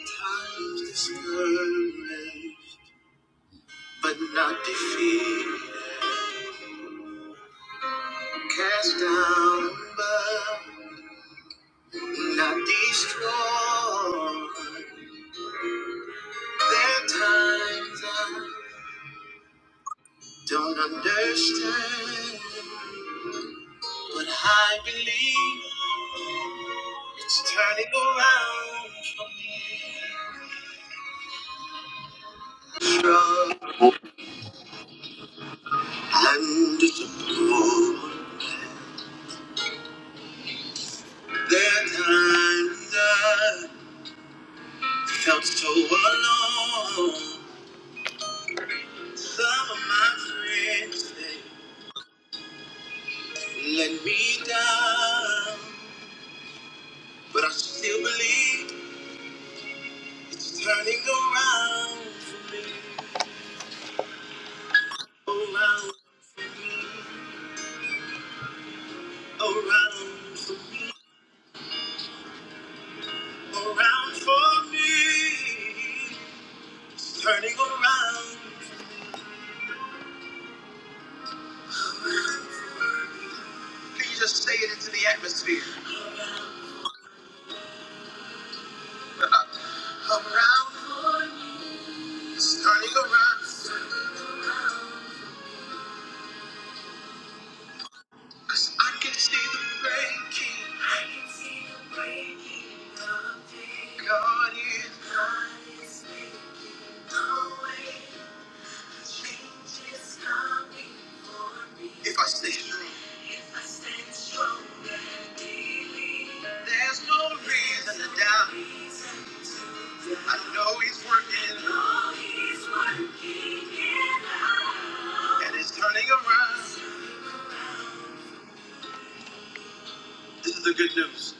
Times discouraged, but not defeated. Cast down, but not destroyed. There are times I don't understand, but I believe it's turning around from trouble and disappointment. There are times I felt so alone. Some of my friends they let me down, but I still believe it's turning around for me, around for me, around for me, around for me. It's turning around. Can you just say it into the atmosphere? Around, it's turning around. Cause I can see the breaking God is if I stay strong. There's no reason. I know he's working and it's turning around. This is the good news.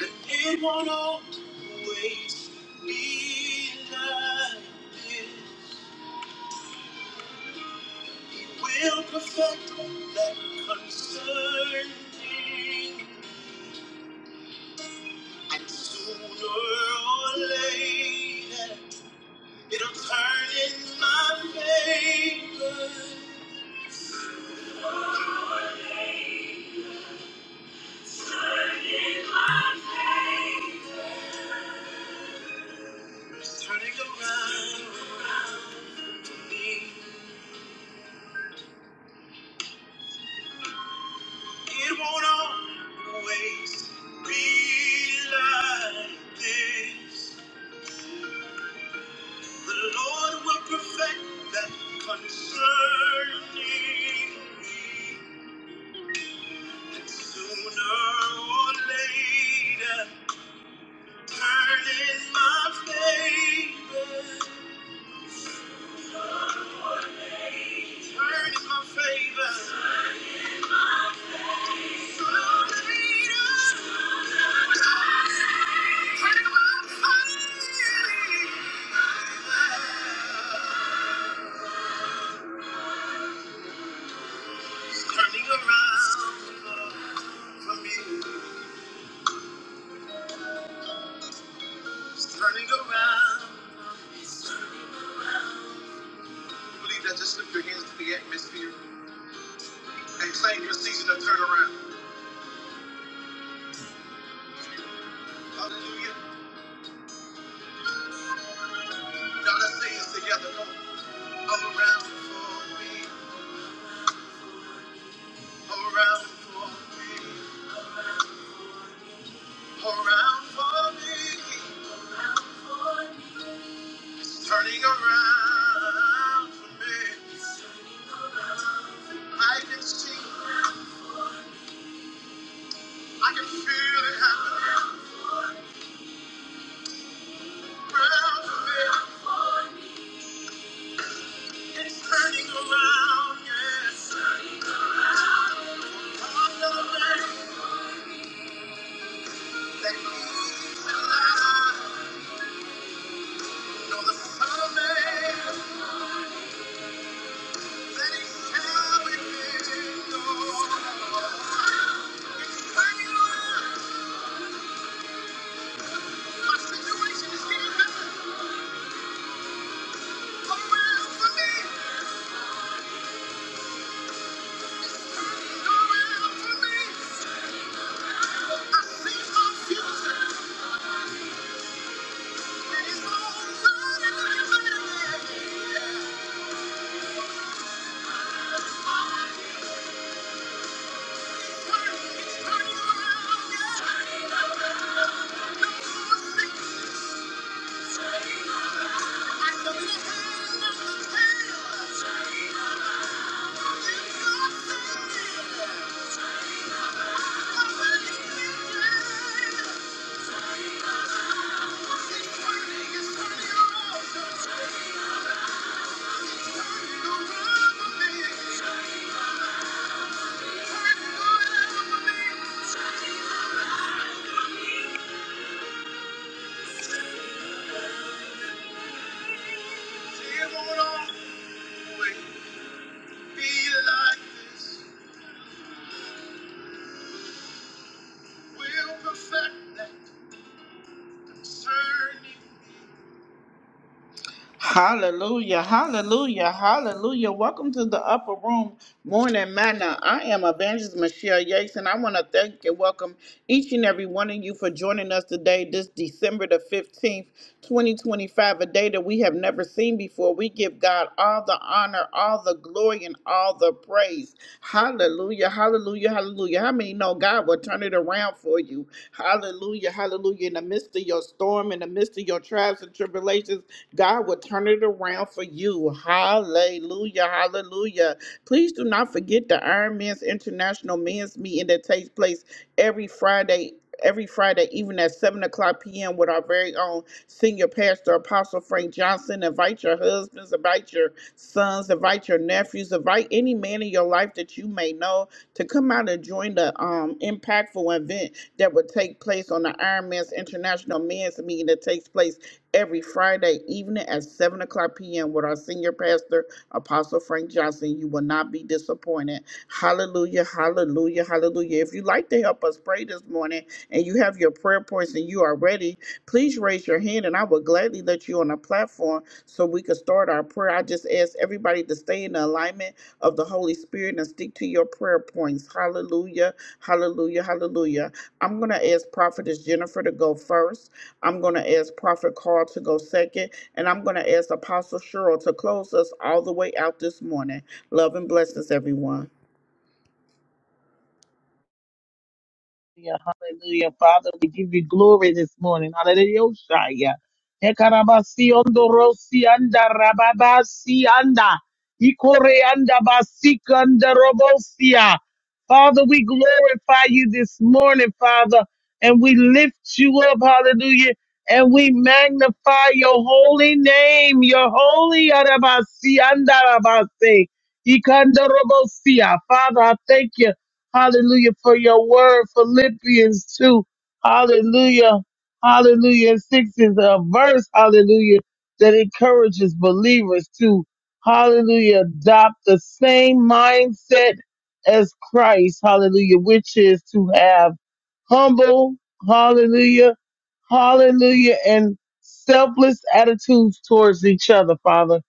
And it won't always be like this. He will perfect that concerning. And sooner or later, it'll turn in my favor. It's turning around for me. It won't always be like this. The Lord will perfect that concerning me. And sooner or later, turn in my favor. Turn in my favor. It's turning around for me. It's turning around. Believe that. Just lift your hands to the atmosphere. and claim your season of turnaround. Hallelujah. Now let's say this together. Come on. Around for me, around for me, around for me. It's turning around for me. I can see, I can feel it happening around for me. It's turning around, yes. Come on, little man. That means that I know the Son of Man. Thank you. Be like this, we'll perfect that concerning. Hallelujah, hallelujah, hallelujah. Welcome to the Upper Room Morning Manna. I am Evangelist Michelle Yates, and I want to thank and welcome each and every one of you for joining us today, this December the 15th, 2025, a day that we have never seen before. We give God all the honor, all the glory, and all the praise. Hallelujah, hallelujah, hallelujah. How many know God will turn it around for you? Hallelujah, hallelujah. In the midst of your storm, in the midst of your trials and tribulations, God will turn it around for you. Hallelujah. Hallelujah. Please do not forget the Iron Man's International Men's Meeting that takes place every Friday. Every Friday, even at 7 o'clock p.m., with our very own senior pastor, Apostle Frank Johnson. Invite your husbands, invite your sons, invite your nephews, invite any man in your life that you may know to come out and join the um, impactful event that will take place on the Iron Man's International Men's Meeting that takes place every Friday evening at 7 o'clock p.m. with our senior pastor, Apostle Frank Johnson. You will not be disappointed. Hallelujah, hallelujah, hallelujah. If you'd like to help us pray this morning and you have your prayer points and you are ready, please raise your hand and I will gladly let you on the platform so we can start our prayer. I just ask everybody to stay in the alignment of the Holy Spirit and stick to your prayer points. Hallelujah. Hallelujah, hallelujah. I'm going to ask Prophetess Jennifer to go first. I'm going to ask Prophet Carl to go second. And I'm going to ask Apostle Cheryl to close us all the way out this morning. Love and blessings, everyone. Hallelujah, hallelujah. Father, we give you glory this morning. Hallelujah. Shaya. Ekarabasi ondorosi anda rababasi anda. Ikore anda basika anda robosia. Father, we glorify you this morning, Father, and we lift you up, hallelujah, and we magnify your holy name, your holy arabasi anda rabase. Ikanda robosia. Father, I thank you. Hallelujah for your word, Philippians 2. Hallelujah. Hallelujah. And 6 is a verse, hallelujah, that encourages believers to, hallelujah, adopt the same mindset as Christ, hallelujah, which is to have humble, hallelujah, hallelujah, and selfless attitudes towards each other, Father.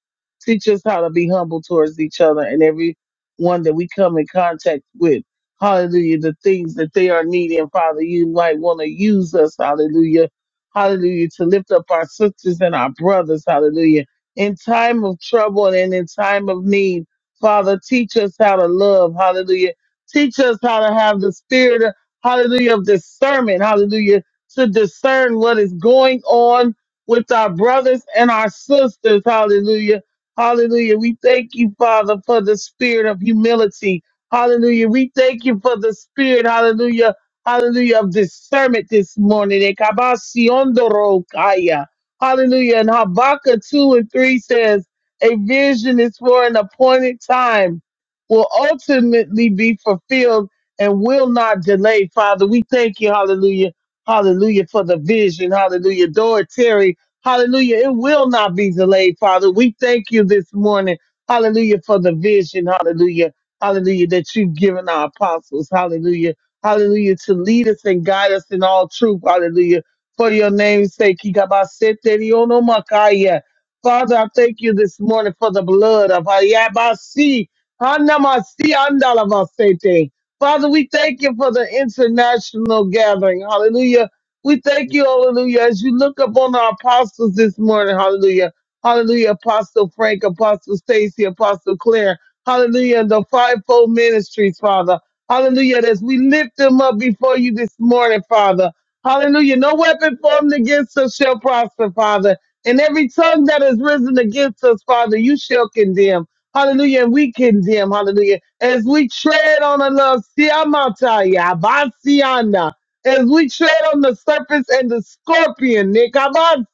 Teach us how to be humble towards each other and everyone that we come in contact with. Hallelujah. The things that they are needing, Father, you might want to use us. Hallelujah. Hallelujah. To lift up our sisters and our brothers. Hallelujah. In time of trouble and in time of need, Father, teach us how to love. Hallelujah. Teach us how to have the spirit hallelujah, of discernment, hallelujah, to discern what is going on with our brothers and our sisters, hallelujah, hallelujah. We thank you, Father, for the spirit of humility, hallelujah. We thank you for the spirit, hallelujah, hallelujah, of discernment this morning. Ekabasionderokaya. Hallelujah. And Habakkuk 2 and 3 says, A vision is for an appointed time, will ultimately be fulfilled and will not delay, Father. We thank you, hallelujah, hallelujah, for the vision, hallelujah. Door Terry, hallelujah, it will not be delayed, Father. We thank you this morning, hallelujah, for the vision, hallelujah, hallelujah, that you've given our apostles, hallelujah, hallelujah, to lead us and guide us in all truth, hallelujah. For your name's sake, Ikabaseterionomakaya. Father, I thank you this morning for the blood of Hayabasi, Hanamasi, Andalavasete. Father, we thank you for the international gathering. Hallelujah. We thank you, hallelujah, as you look upon our apostles this morning. Hallelujah. Hallelujah. Apostle Frank, Apostle Stacy, Apostle Claire. Hallelujah. The fivefold ministries, Father. Hallelujah. As we lift them up before you this morning, Father. Hallelujah. No weapon formed against us shall prosper, Father. And every tongue that is risen against us, Father, you shall condemn. Hallelujah. And we condemn, hallelujah, as we tread on the love, siamataya, basiana, as we tread on the serpents and the scorpion, nikabasiana,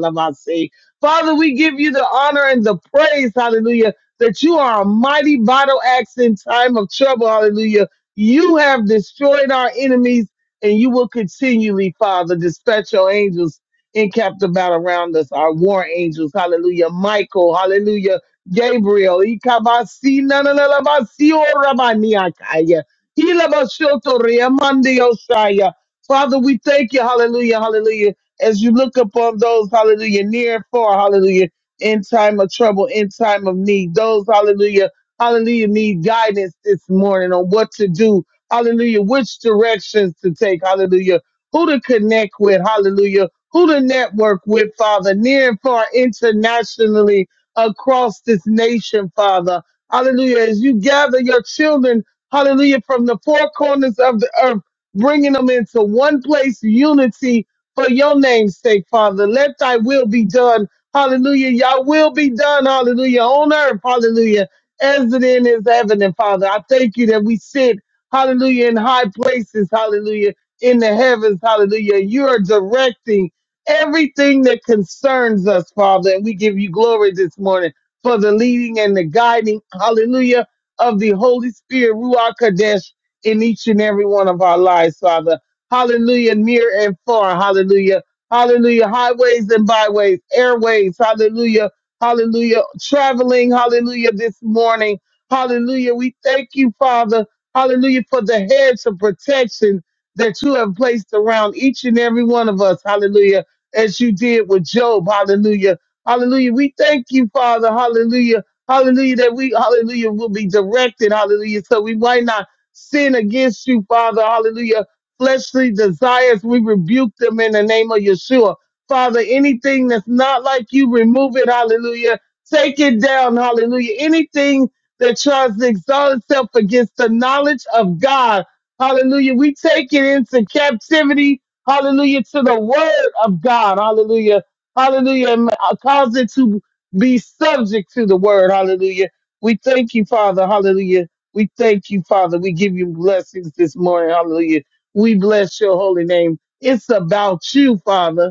lamasi. Father, we give you the honor and the praise, hallelujah, that you are a mighty battle axe in time of trouble, hallelujah. You have destroyed our enemies, and you will continually, Father, dispatch your angels in captive battle around us, our war angels, hallelujah. Michael, hallelujah Gabriel, Ikabasi, Nananabasi, Orabaniakaya, Ilabasotoria, Mandiosaya. Father, we thank you, hallelujah, hallelujah, as you look upon those, hallelujah, near and far, hallelujah, in time of trouble, in time of need, those, hallelujah, hallelujah, need guidance this morning on what to do, hallelujah, which directions to take, hallelujah, who to connect with, hallelujah, who to network with, Father, near and far, internationally, across this nation, Father. Hallelujah. As you gather your children, hallelujah, from the four corners of the earth, bringing them into one place, unity for your name's sake, Father. Let thy will be done. Hallelujah. Your will be done. Hallelujah. On earth. Hallelujah. As it in is heaven. And Father, I thank you that we sit, hallelujah, in high places. Hallelujah. In the heavens. Hallelujah. You are directing everything that concerns us, Father. And we give you glory this morning for the leading and the guiding, hallelujah, of the Holy Spirit, Ruach Kodesh, in each and every one of our lives, Father. Hallelujah, near and far, hallelujah. Hallelujah, highways and byways, airways, hallelujah, hallelujah, traveling, hallelujah, this morning, hallelujah. We thank you, Father, hallelujah, for the hedge of protection that you have placed around each and every one of us, hallelujah as you did with Job. Hallelujah. Hallelujah. We thank you, Father. Hallelujah. Hallelujah. That we, hallelujah, will be directed. Hallelujah. So we might not sin against you, Father. Hallelujah. Fleshly desires, we rebuke them in the name of Yeshua. Father, anything that's not like you, remove it. Hallelujah. Take it down. Hallelujah. Anything that tries to exalt itself against the knowledge of God. Hallelujah. We take it into captivity Hallelujah to the word of God. Hallelujah. Hallelujah. And uh, cause it to be subject to the word. Hallelujah. We thank you, Father. Hallelujah. We thank you, Father. We give you blessings this morning. Hallelujah. We bless your holy name. It's about you, Father.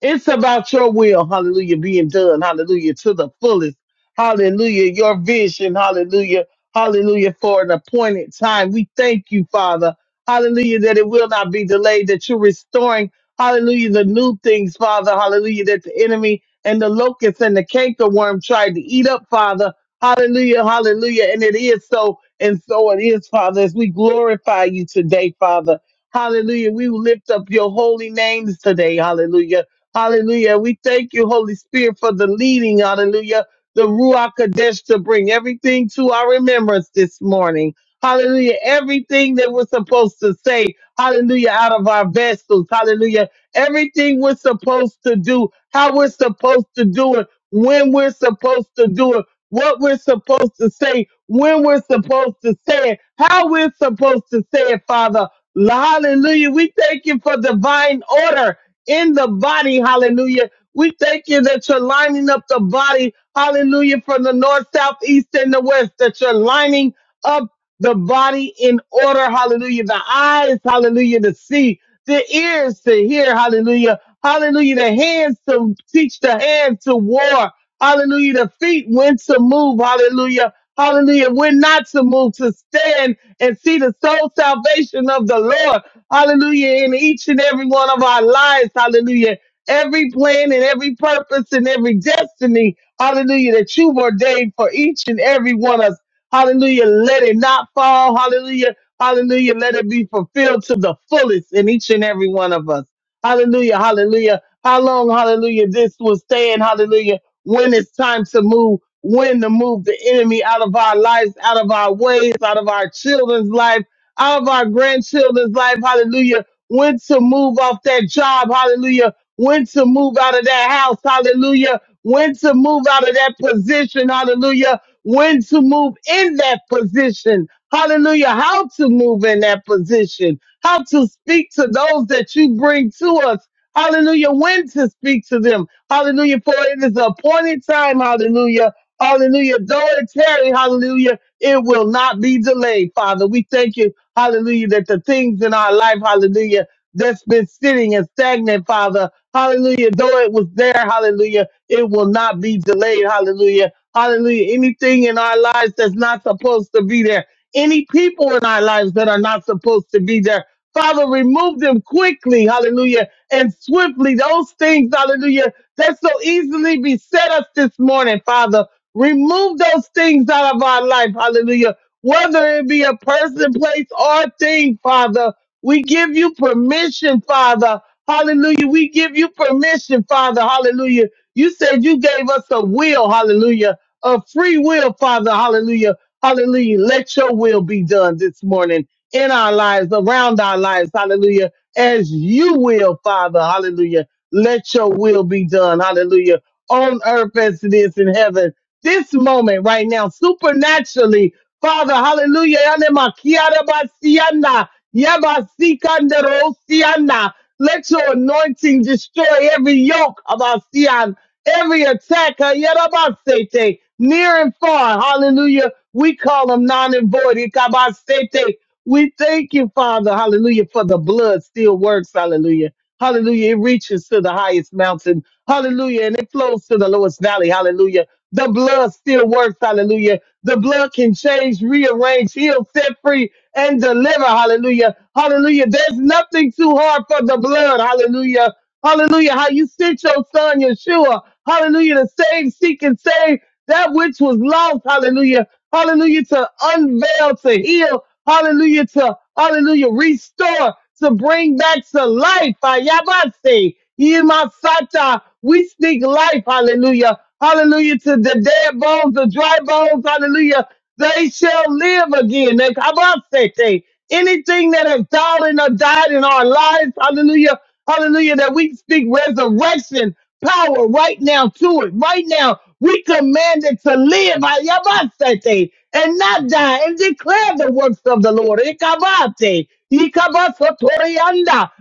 It's about your will, hallelujah, being done, hallelujah, to the fullest, hallelujah, your vision, hallelujah, hallelujah, for an appointed time. We thank you, Father, hallelujah, that it will not be delayed, that you're restoring, hallelujah, the new things, Father, hallelujah, that the enemy and the locust and the cankerworm tried to eat up, Father, hallelujah, hallelujah, and it is so, and so it is, Father, as we glorify you today, Father. Hallelujah. We will lift up your holy names today. Hallelujah. Hallelujah. We thank you, Holy Spirit, for the leading. Hallelujah. The Ruach Kadesh to bring everything to our remembrance this morning. Hallelujah. Everything that we're supposed to say. Hallelujah. Out of our vessels. Hallelujah. Everything we're supposed to do, how we're supposed to do it, when we're supposed to do it, what we're supposed to say, when we're supposed to say it, how we're supposed to say it, Father. Hallelujah. We thank you for divine order in the body. Hallelujah. We thank you that you're lining up the body. Hallelujah. From the north, south, east, and the west, that you're lining up the body in order. Hallelujah. The eyes, hallelujah, to see, the ears to hear. Hallelujah. Hallelujah. The hands to teach the hands to war. Hallelujah. The feet when to move. Hallelujah. Hallelujah. When not to move, to stand and see the soul salvation of the Lord. Hallelujah. In each and every one of our lives. Hallelujah. Every plan and every purpose and every destiny. Hallelujah. That you've ordained for each and every one of us. Hallelujah. Let it not fall. Hallelujah. Hallelujah. Let it be fulfilled to the fullest in each and every one of us. Hallelujah. Hallelujah. How long, hallelujah, this will stand. Hallelujah. When it's time to move, when to move the enemy out of our lives, out of our ways, out of our children's life all of our grandchildren's life, hallelujah, when to move off that job, hallelujah, when to move out of that house, hallelujah, when to move out of that position, hallelujah, when to move in that position, hallelujah, how to move in that position, how to speak to those that you bring to us. Hallelujah. When to speak to them. Hallelujah. For it is the appointed time. Hallelujah. Hallelujah. Though it tarry, hallelujah, it will not be delayed, Father. We thank you Hallelujah. That the things in our life, hallelujah, that's been sitting and stagnant, Father. Hallelujah. Though it was there, hallelujah, it will not be delayed. Hallelujah. Hallelujah. Anything in our lives that's not supposed to be there, any people in our lives that are not supposed to be there, Father, remove them quickly. Hallelujah. And swiftly, those things, hallelujah, that so easily beset us this morning, Father. Remove those things out of our life. Hallelujah whether it be a person, place, or thing, Father. We give you permission, Father. Hallelujah. We give you permission, Father. Hallelujah. You said you gave us a will, hallelujah, a free will, Father. Hallelujah. Hallelujah. Let your will be done this morning in our lives, around our lives, hallelujah, as you will, Father. Hallelujah. Let your will be done, hallelujah, on earth as it is in heaven. This moment right now, supernaturally, Father, hallelujah. yale makiara basianda, yabasikandero sianda. Let your anointing destroy every yoke of our sian, every attack, uh, yarabasete, near and far. Hallelujah. We call them non and void. ikabasete. We thank you, Father, hallelujah, for the blood still works. Hallelujah. Hallelujah. It reaches to the highest mountain. Hallelujah. And it flows to the lowest valley. Hallelujah. The blood still works. Hallelujah the blood can change, rearrange, heal, set free, and deliver. Hallelujah. Hallelujah. There's nothing too hard for the blood. Hallelujah. Hallelujah. How you sent your son, Yeshua. Hallelujah. To save, seek, and save that which was lost. Hallelujah. Hallelujah. To unveil, to heal, hallelujah, to, hallelujah, restore, to bring back to life. Ayabase, Imasata, we speak life, hallelujah. Hallelujah to the dead bones, the dry bones, hallelujah they shall live again. They kabasete. Anything that has fallen or died in our lives, hallelujah, hallelujah, that we speak resurrection power right now to it. Right now, we command it to live ayabasete, and not die and declare the works of the Lord. Ikabate, ikabasotorianda,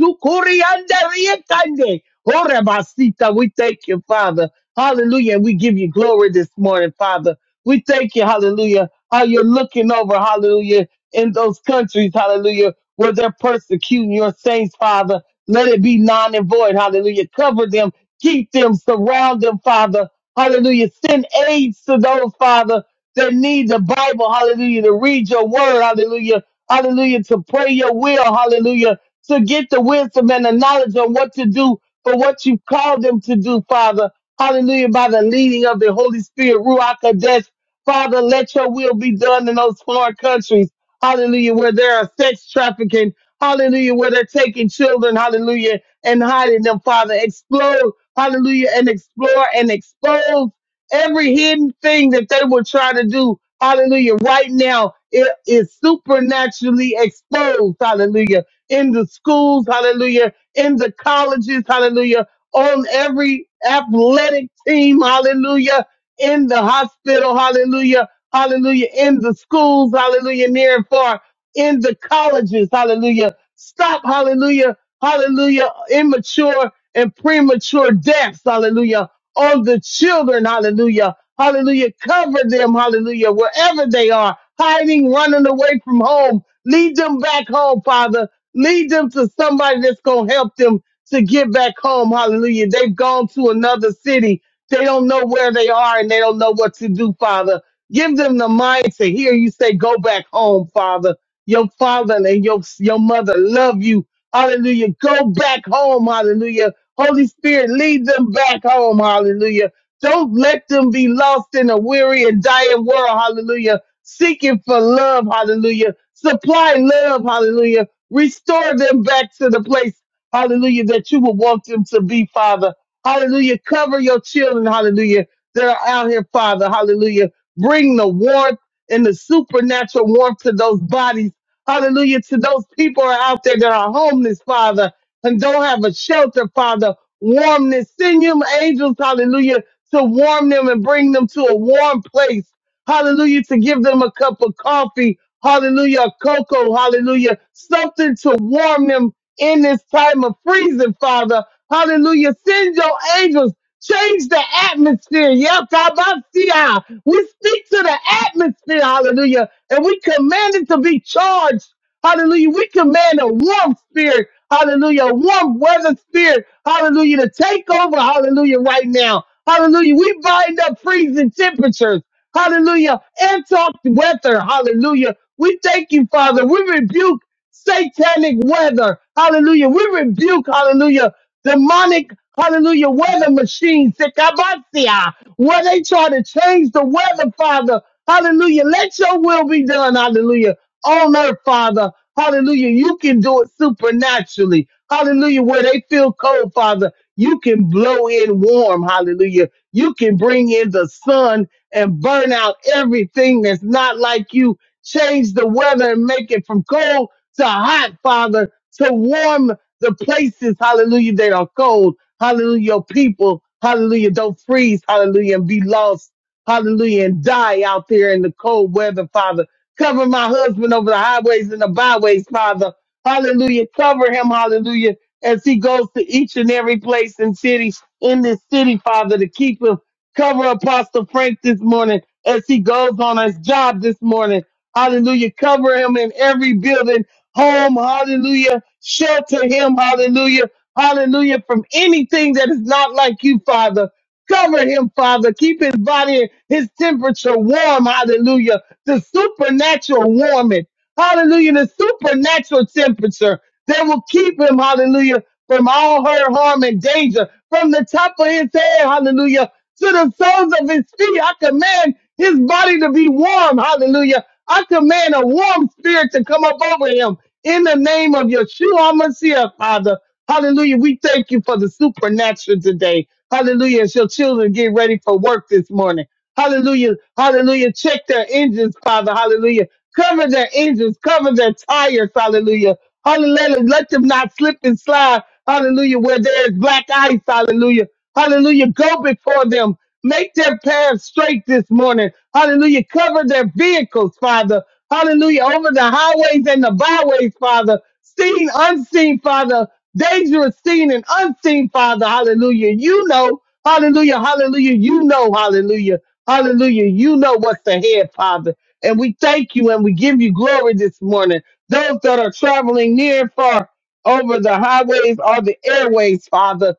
yakabasukurianda riekande. Orebasita, We thank you, Father. Hallelujah. And we give you glory this morning, Father. We thank you, hallelujah, how you're looking over, hallelujah, in those countries, hallelujah, where they're persecuting your saints, Father. Let it be non and void, hallelujah. Cover them, keep them, surround them, Father. Hallelujah. Send aids to those, Father, that need the Bible, hallelujah, to read your word, hallelujah, hallelujah, to pray your will, hallelujah, to get the wisdom and the knowledge on what to do for what you called them to do, Father. Hallelujah, by the leading of the Holy Spirit, Ruach Kodesh, Father, let your will be done in those foreign countries. Hallelujah, where there are sex trafficking. Hallelujah, where they're taking children. Hallelujah, and hiding them, Father. Explode. Hallelujah, and explore and expose every hidden thing that they will try to do. Hallelujah, right now it is supernaturally exposed. Hallelujah, in the schools. Hallelujah, in the colleges. Hallelujah, on every athletic team. Hallelujah in the hospital, hallelujah, hallelujah, in the schools, hallelujah, near and far, in the colleges, hallelujah. Stop, hallelujah, hallelujah, immature and premature deaths, hallelujah, on the children, hallelujah, hallelujah. Cover them, hallelujah, wherever they are, hiding, running away from home. Lead them back home, Father. Lead them to somebody that's going to help them to get back home. Hallelujah. They've gone to another city. They don't know where they are and they don't know what to do, Father. Give them the mind to hear you say, go back home, Father. Your father and your, your mother love you. Hallelujah. Go back home. Hallelujah. Holy Spirit, lead them back home. Hallelujah. Don't let them be lost in a weary and dying world. Hallelujah. Seeking for love. Hallelujah. Supply love. Hallelujah. Restore them back to the place. Hallelujah. That you would want them to be, Father. Hallelujah. Cover your children. Hallelujah. they are out here, Father. Hallelujah. Bring the warmth and the supernatural warmth to those bodies. Hallelujah. To those people who are out there that are homeless, Father, and don't have a shelter, Father. Warmness. Send your angels, hallelujah, to warm them and bring them to a warm place. Hallelujah. To give them a cup of coffee. Hallelujah. a Cocoa. Hallelujah. Something to warm them in this time of freezing, Father. Hallelujah. Send your angels. Change the atmosphere. Yes, Abasiah. We speak to the atmosphere. Hallelujah. And we command it to be charged. Hallelujah. We command a warm spirit. Hallelujah. A warm weather spirit. Hallelujah. To take over. Hallelujah. Right now. Hallelujah. We bind up freezing temperatures. Hallelujah. And talk weather. Hallelujah. We thank you, Father. We rebuke satanic weather. Hallelujah. We rebuke, hallelujah, demonic, hallelujah, weather machines. Sikabasia. Where they try to change the weather, Father. Hallelujah. Let your will be done. Hallelujah on earth, Father. Hallelujah. You can do it supernaturally. Hallelujah. Where they feel cold, Father, you can blow in warm. Hallelujah. You can bring in the sun and burn out everything that's not like you. Change the weather and make it from cold to hot, Father, to warm the places, hallelujah, that are cold. Hallelujah. Your people, hallelujah, don't freeze, hallelujah, and be lost, hallelujah, and die out there in the cold weather, Father. Cover my husband over the highways and the byways, Father. Hallelujah. Cover him, hallelujah, as he goes to each and every place and city in this city, Father, to keep him. Cover Apostle Frank this morning as he goes on his job this morning. Hallelujah. Cover him in every building, home, hallelujah. Shelter him, hallelujah. Hallelujah. From anything that is not like you, Father. Cover him, Father. Keep his body, his temperature warm. Hallelujah the supernatural warming, hallelujah, the supernatural temperature that will keep him, hallelujah, from all hurt, harm, and danger, from the top of his head, hallelujah, to the soles of his feet. I command his body to be warm, hallelujah. I command a warm spirit to come up over him in the name of Yeshua HaMashiach, Father. Hallelujah. We thank you for the supernatural today. Hallelujah. As your children get ready for work this morning. Hallelujah. Hallelujah. Check their engines, Father. Hallelujah. Cover their engines, cover their tires, hallelujah. Hallelujah. Let them not slip and slide, hallelujah, where there is black ice, hallelujah. Hallelujah. Go before them. Make their paths straight this morning. Hallelujah. Cover their vehicles, Father. Hallelujah. Over the highways and the byways, Father. Seen, unseen, Father. Dangerous seen and unseen, Father. Hallelujah. You know. Hallelujah. Hallelujah. You know. Hallelujah. Hallelujah. You know what's ahead, Father. And we thank you and we give you glory this morning. Those that are traveling near and far over the highways or the airways, Father,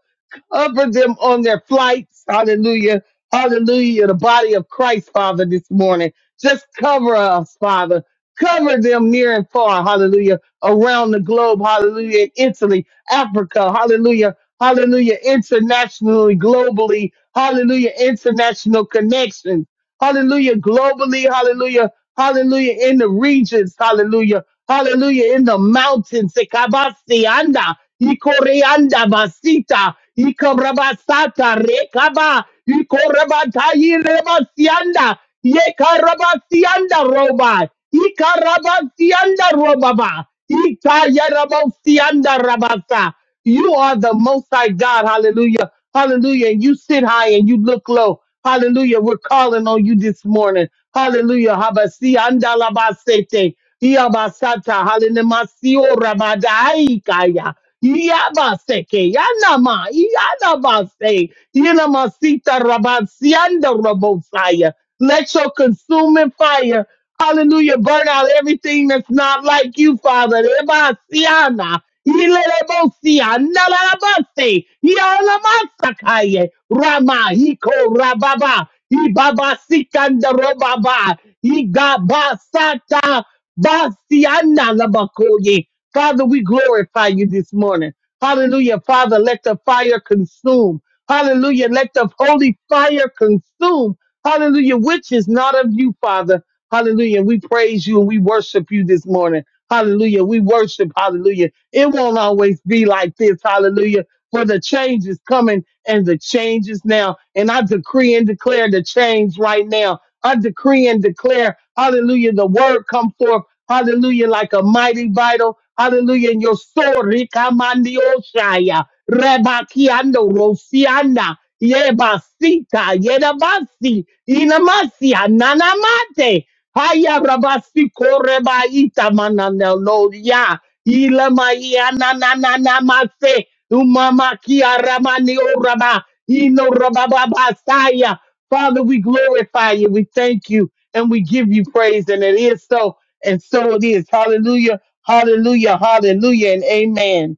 over them on their flights. Hallelujah. Hallelujah. The body of Christ, Father, this morning. Just cover us, Father. Cover them near and far. Hallelujah. Around the globe. Hallelujah. Italy, Africa. Hallelujah. Hallelujah. Internationally, globally. Hallelujah. International connections. Hallelujah. Globally. Hallelujah. Hallelujah. In the regions. Hallelujah. Hallelujah. In the mountains. Sekabasianda. Ikoreanda basita. Ikabrabasata. Rekaba. Ikorabatayi rebasianda. Yekarabasianda roba. Ikarabasianda robaba. Ikayarabasianda rabasa. You are the most high God. Hallelujah. Hallelujah. And you sit high and you look low. Hallelujah. We're calling on you this morning. Hallelujah. Habasi andalabasete. Iabasata. Halenemasio rabadaikaya. Iabaseke. Yanama. Iyanabase. Yenamasita rabasianda rabosaya. Let your consuming fire, hallelujah, burn out everything that's not like you, Father. Ebasiana. Ilelebosia, nalalabase, yalamasakaye, Rama, hiko Rababa, Ibaba, Sikandarobaba, Igabasata, Basiana, Labakoye. Father, we glorify you this morning. Hallelujah. Father, let the fire consume. Hallelujah. Let the holy fire consume. Hallelujah. Which is not of you, Father. Hallelujah. We praise you and we worship you this morning. Hallelujah. We worship. Hallelujah it won't always be like this. Hallelujah. For the change is coming and the change is now. And I decree and declare the change right now. I decree and declare, hallelujah, the word come forth, hallelujah, like a mighty vital, hallelujah, and your sword, Rikamandiosaya, Rebakiando, Rosiana, Yebasita, Yedabasi, Inamasia, Nanamate, Haya Rabasi Korebaita Mananelo Ilamaya na na na na mase. Umama kia ramani orama. Ino rabababasaya. Father, we glorify you. We thank you and we give you praise. And it is so. And so it is. Hallelujah. Hallelujah. Hallelujah. And amen.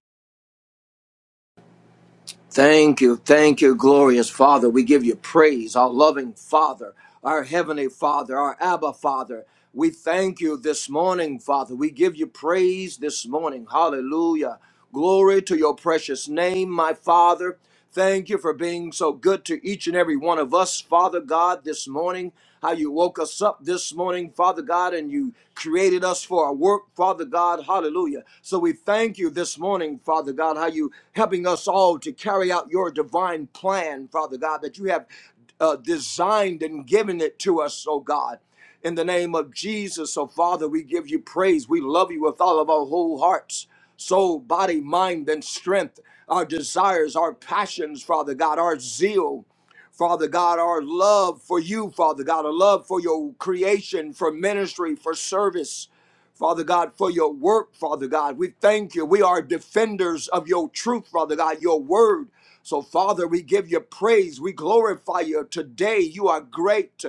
Thank you. Thank you, glorious Father. We give you praise, our loving Father, our heavenly Father, our Abba Father. We thank you this morning, Father. We give you praise this morning. Hallelujah. Glory to your precious name, my Father. Thank you for being so good to each and every one of us, Father God, this morning. How you woke us up this morning, Father God, and you created us for our work, Father God. Hallelujah. So we thank you this morning, Father God, how you helping us all to carry out your divine plan, Father God, that you have uh, designed and given it to us, oh God. In the name of Jesus, so Father, we give you praise. We love you with all of our whole hearts, soul, body, mind, and strength. Our desires, our passions, Father God, our zeal, Father God, our love for you, Father God, our love for your creation, for ministry, for service, Father God, for your work, Father God. We thank you. We are defenders of your truth, Father God, your word. So, Father, we give you praise. We glorify you today. You are great.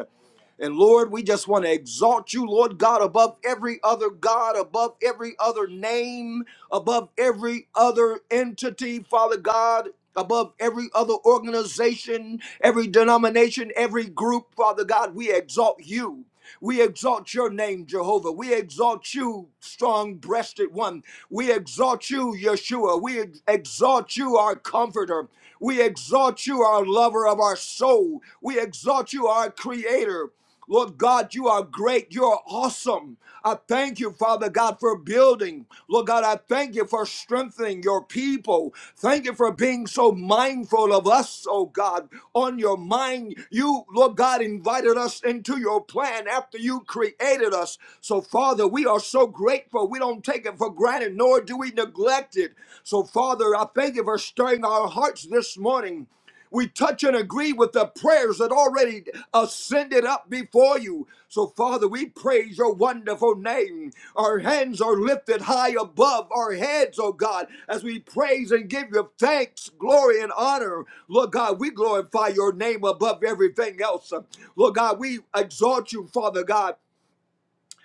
And Lord, we just want to exalt you, Lord God, above every other God, above every other name, above every other entity, Father God, above every other organization, every denomination, every group, Father God. We exalt you. We exalt your name, Jehovah. We exalt you, strong breasted one. We exalt you, Yeshua. We ex- exalt you, our comforter. We exalt you, our lover of our soul. We exalt you, our creator. Lord God, you are great. You are awesome. I thank you, Father God, for building. Lord God, I thank Thank you for strengthening your people. Thank you for being so mindful of us, oh God, on your mind. You, Lord God, invited us into your plan after you created us. So, Father, we are so grateful. We don't take it for granted, nor do we neglect it. So, Father, I thank you for stirring our hearts this morning. We touch and agree with the prayers that already ascended up before you. So, Father, we praise your wonderful name. Our hands are lifted high above our heads, oh God, as we praise and give you thanks, glory, and honor. Lord God, we glorify your name above everything else. Lord God, we exalt you, Father God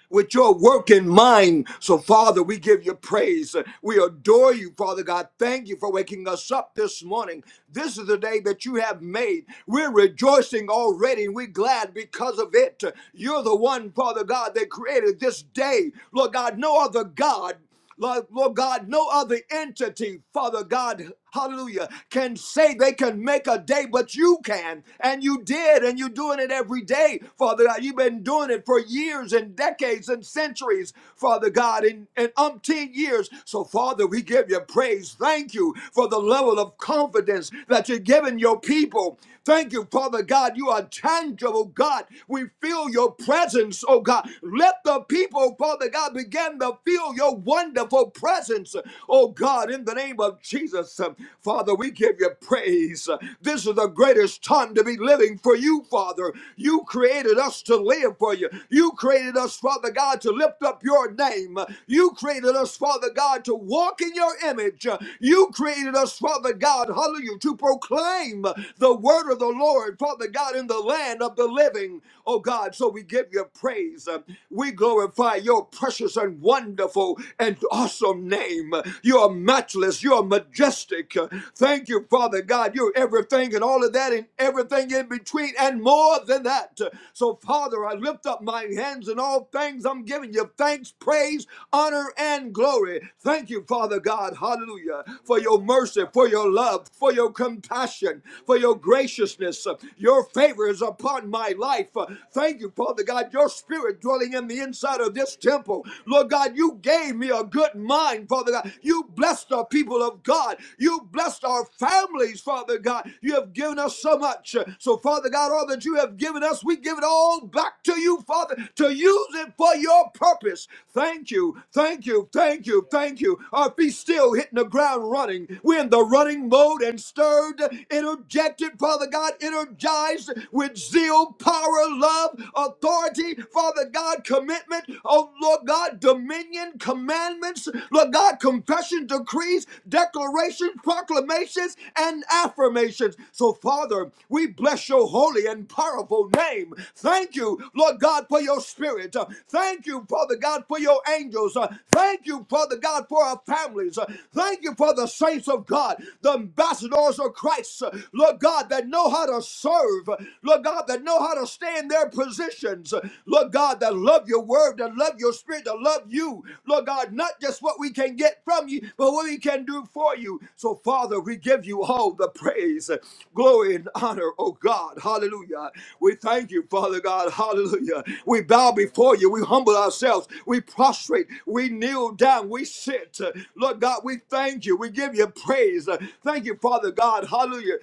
with your work in mind. So, Father, we give you praise. We adore you, Father God. Thank you for waking us up this morning. This is the day that you have made. We're rejoicing already. We're glad because of it. You're the one, Father God, that created this day. Lord God, no other God. Lord, Lord God, no other entity, Father God, hallelujah, can say they can make a day, but you can. And you did, and you're doing it every day, Father God. You've been doing it for years and decades and centuries, Father God, in, in umpteen years. So, Father, we give you praise. Thank you for the level of confidence that you're giving your people. Thank you, Father God. You are tangible, God. We feel your presence, oh God. Let the people, Father God, God, begin to feel your wonderful presence. Oh God, in the name of Jesus, uh, Father, we give you praise. This is the greatest time to be living for you, Father. You created us to live for you. You created us, Father God, to lift up your name. You created us, Father God, to walk in your image. You created us, Father God, hallelujah, to proclaim the word of the Lord, Father God, in the land of the living. Oh God, so we give you praise. We glorify your precious and wonderful and awesome name. You are matchless. You are majestic. Thank you, Father God. You're everything and all of that and everything in between and more than that. So, Father, I lift up my hands in all things. I'm giving you thanks, praise, honor, and glory. Thank you, Father God. Hallelujah. For your mercy, for your love, for your compassion, for your graciousness. Your favor is upon my life. Thank you, Father. Father God, your spirit dwelling in the inside of this temple. Lord God, you gave me a good mind, Father God. You blessed our people of God. You blessed our families, Father God. You have given us so much. So, Father God, all that you have given us, we give it all back to you, Father, to use it for your purpose. Thank you, thank you, thank you, thank you. Our feet still hitting the ground running. We're in the running mode and stirred, interjected, Father God, energized with zeal skill, power, love, authority, Father God, commitment, oh Lord God, dominion, commandments, Lord God, confession, decrees, declarations, proclamations, and affirmations. So, Father, we bless your holy and powerful name. Thank you, Lord God, for your spirit. Uh, Thank you, Father God, for your angels. Uh, Thank you, Father God, for our families. Uh, Thank you for the saints of God, the ambassadors of Christ, uh, Lord God, that know how to serve, Lord God, that know how to stay in their positions, Lord God, that love your word, that love your spirit, that love you, Lord God, not just what we can get from you, but what we can do for you. So, Father, we give you all the praise, glory, and honor, oh God, hallelujah. We thank you, Father God, hallelujah. We bow before you, we humble ourselves, we prostrate, we kneel down, we sit. Lord God, we thank you, we give you praise. Thank you, Father God, hallelujah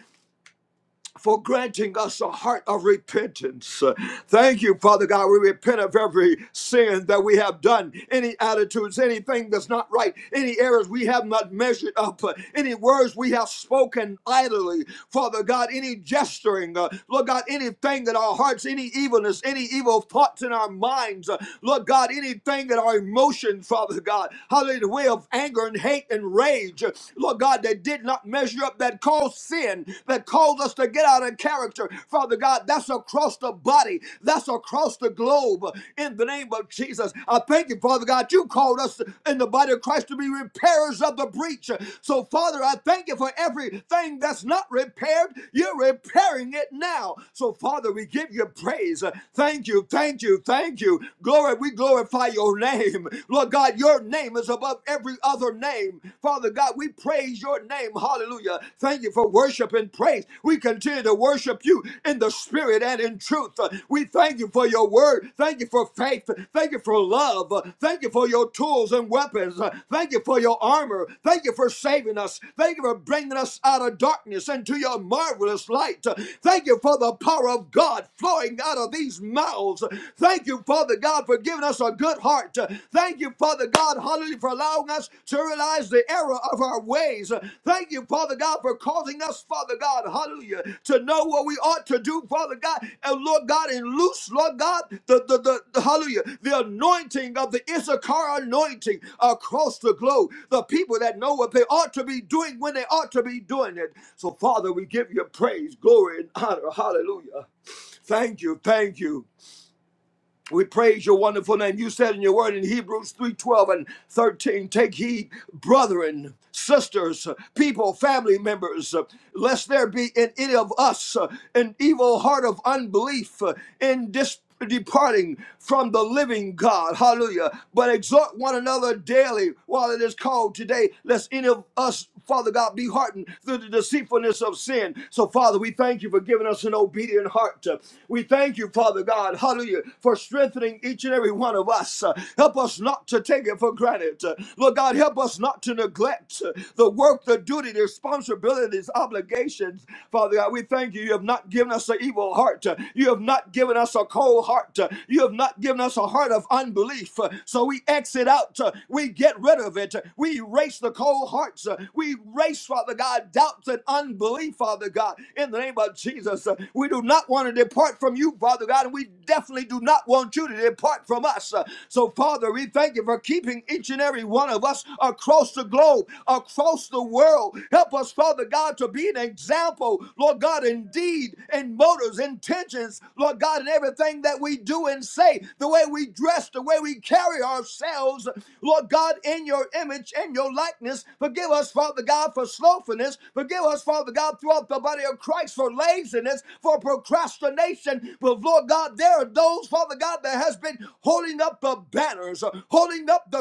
for granting us a heart of repentance. Uh, Thank you, Father God. We repent of every sin that we have done, any attitudes, anything that's not right, any errors we have not measured up, uh, any words we have spoken idly, Father God, any gesturing, uh, Lord God, anything that our hearts, any evilness, any evil thoughts in our minds, uh, Lord God, anything that our emotions, Father God, hallelujah, the way of anger and hate and rage, uh, Lord God, that did not not measure up that cause sin, that cause us to get out of character. Father God, that's across the body, that's across the globe. In the name of Jesus, I thank you, Father God, you called us in the body of Christ to be repairers of the breach. So, Father, I thank you for everything that's not repaired. You're repairing it now. So, Father, we give you praise. Thank you, thank you, thank you. Glory, we glorify your name. Lord God, your name is above every every other name. Father God, we praise your name. Hallelujah. Thank you for worship and praise. We continue to worship you in the spirit and in truth. Uh, We thank you for your word. Thank you for faith. Thank you for love. Uh, Thank you for your tools and weapons. Uh, Thank you for your armor. Thank you for saving us. Thank you for bringing us out of darkness into your marvelous light. Uh, Thank you for the power of God flowing out of these mouths. Thank you, Father God, for giving us a good heart. Thank you, Father God, hallelujah, for allowing us to realize the error of our ways. Thank you, Father God, for causing us, Father God, hallelujah, to know what we ought to do, Father God, and Lord God, and loose, Lord God, the, the, the, the- hallelujah, the anointing of the Issachar anointing across the globe. The people that know what they ought to be doing when they ought to be doing it. So, Father, we give you praise, glory, and honor. Hallelujah. Thank you, thank you. We praise your wonderful name. You said in your word in Hebrews 3 12 and 13, take heed, brethren, sisters, people, family members, uh, lest there be in any of us uh, an evil heart of unbelief uh, in dis- departing from the living God. Hallelujah. But exhort one another daily while it is called today, lest any of us, Father God, be hardened through the deceitfulness of sin. So, Father, we thank you for giving us an obedience obedient heart. We thank you, Father God, hallelujah, for strengthening each and every one of us. Uh, Help us not to take it for granted. Uh, Lord God, help us not to neglect uh, the work, the duty, the responsibilities, obligations. Father God, we thank you. You have not given us an evil heart. Uh, You have not given us a cold heart. Uh, You have not given us a heart of unbelief. Uh, So we exit out. Uh, We get rid of it. Uh, We erase the cold hearts. Uh, We erase, Father God, doubt doubts and unbelief, Father God, in the name of Jesus. Uh, We do not want to depart from you, Father God, and we definitely do not want you to depart from us. Uh, So, Father, we thank you for keeping each and every one of us across the globe, across the world. Help us, Father God, to be an example, Lord God, indeed, in motives, intentions, Lord God, in everything that we do and say, the way we dress, the way we carry ourselves, Lord God, in your image image and your likeness. Forgive us, Father God, for slothfulness. Forgive us, Father God, throughout the body of Christ for laziness, for procrastination. But Lord God, there are those, Father God, that has been holding up the banners, uh, holding up the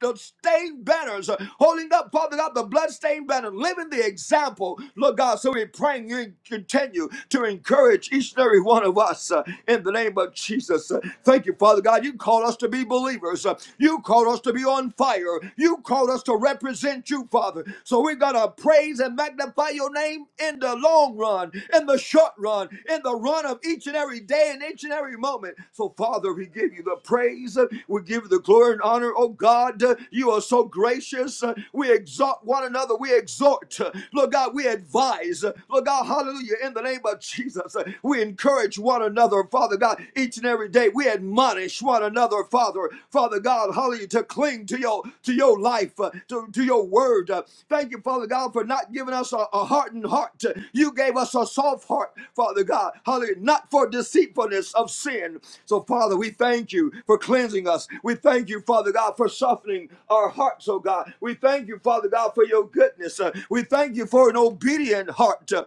the stained banners, uh, holding up, Father God, the bloodstained banner, living the example, Lord God. So we're praying you continue to encourage each and every one of us uh, in the name of Jesus. Uh, thank you, Father God. You call us to be to be believers. Uh, You called us to be on fire. You called us to represent you, Father. So we got to praise and magnify your name in the long run, in the short run, in the run of each and every day and each and every moment. So, Father, we give you the praise. Uh, We give you the glory and honor. Oh, God, uh, you are so gracious. Uh, We exalt one another. We exhort. Uh, Lord God, we advise. Uh, Lord God, hallelujah. In the name of Jesus, uh, we encourage one another another, Father God, each and every day. We admonish one another, Father, Father God, hallelujah, to cling to your to your life, uh, to, to your word. Uh, thank you, Father God, for not giving us a, a hardened heart. You gave us a soft heart, Father God, hallelujah, not for deceitfulness of sin. So, Father, we thank you for cleansing us. We thank you, Father God, for softening our hearts, oh God. We thank you, Father God, for your goodness. Uh, we thank you for an obedient heart. Uh,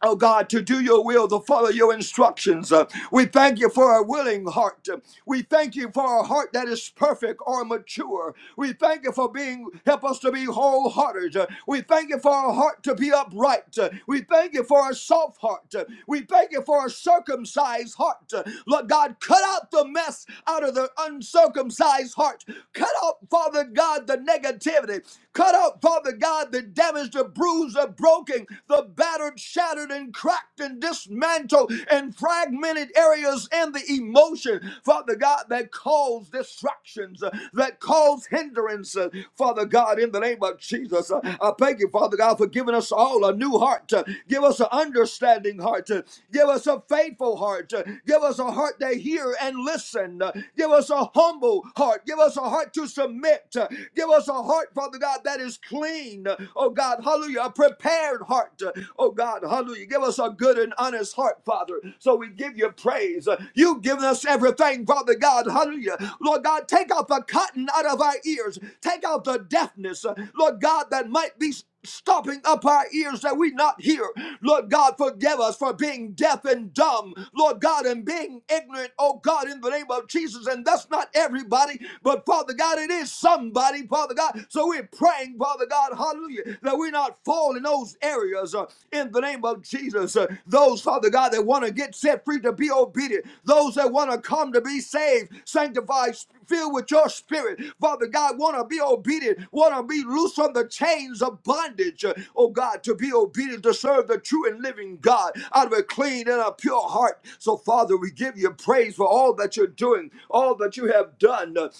Oh God, to do your will, to follow your instructions. Uh, we thank you for a willing heart. Uh, We thank you for a heart that is perfect or mature. We thank you for being, help us to be wholehearted. Uh, we thank you for a heart to be upright. Uh, we thank you for a soft heart. Uh, we thank you for a circumcised heart. Uh, Lord God, cut out the mess out of the uncircumcised heart. Cut out, Father God, the negativity. Cut out, Father God, the damage, the bruise, the the broken, the battered, shattered, and cracked, and dismantled, and fragmented areas in the emotion, Father God, that cause distractions, uh, that cause hindrances, Father God, in the name of Jesus. uh, I thank you, Father God, for giving us all a new heart. uh, Give us an understanding heart. uh, Give us a faithful heart. uh, Give us a heart that hear and listen. uh, Give us a humble heart. Give us a heart to submit. uh, Give us a heart, Father God, that is clean clean, oh God, hallelujah, a prepared heart, oh God, hallelujah. Give us a good and honest heart, Father. So we give you praise. You've given us everything, Father God, hallelujah. Lord God, take out the cotton out of our ears, take out the deafness, Lord God, that might be stopping up our ears that we not hear. Lord God, forgive us for being deaf and dumb, Lord God, and being ignorant, oh God, in the name of Jesus. And that's not everybody, but Father God, it is somebody, Father God. So we're praying, Father God, hallelujah, that we not fall in those areas uh, in the name of Jesus. Uh, those, Father God, that want to get set free to be obedient, those that want to come to be saved, sanctified, filled with your spirit. Father God, want to be obedient, want to be loose from the chains of bondage. Uh, Oh God, to be obedient, to serve the true and living God out of a clean and a pure heart. So, Father, we give you praise for all that you're doing, all that you have done.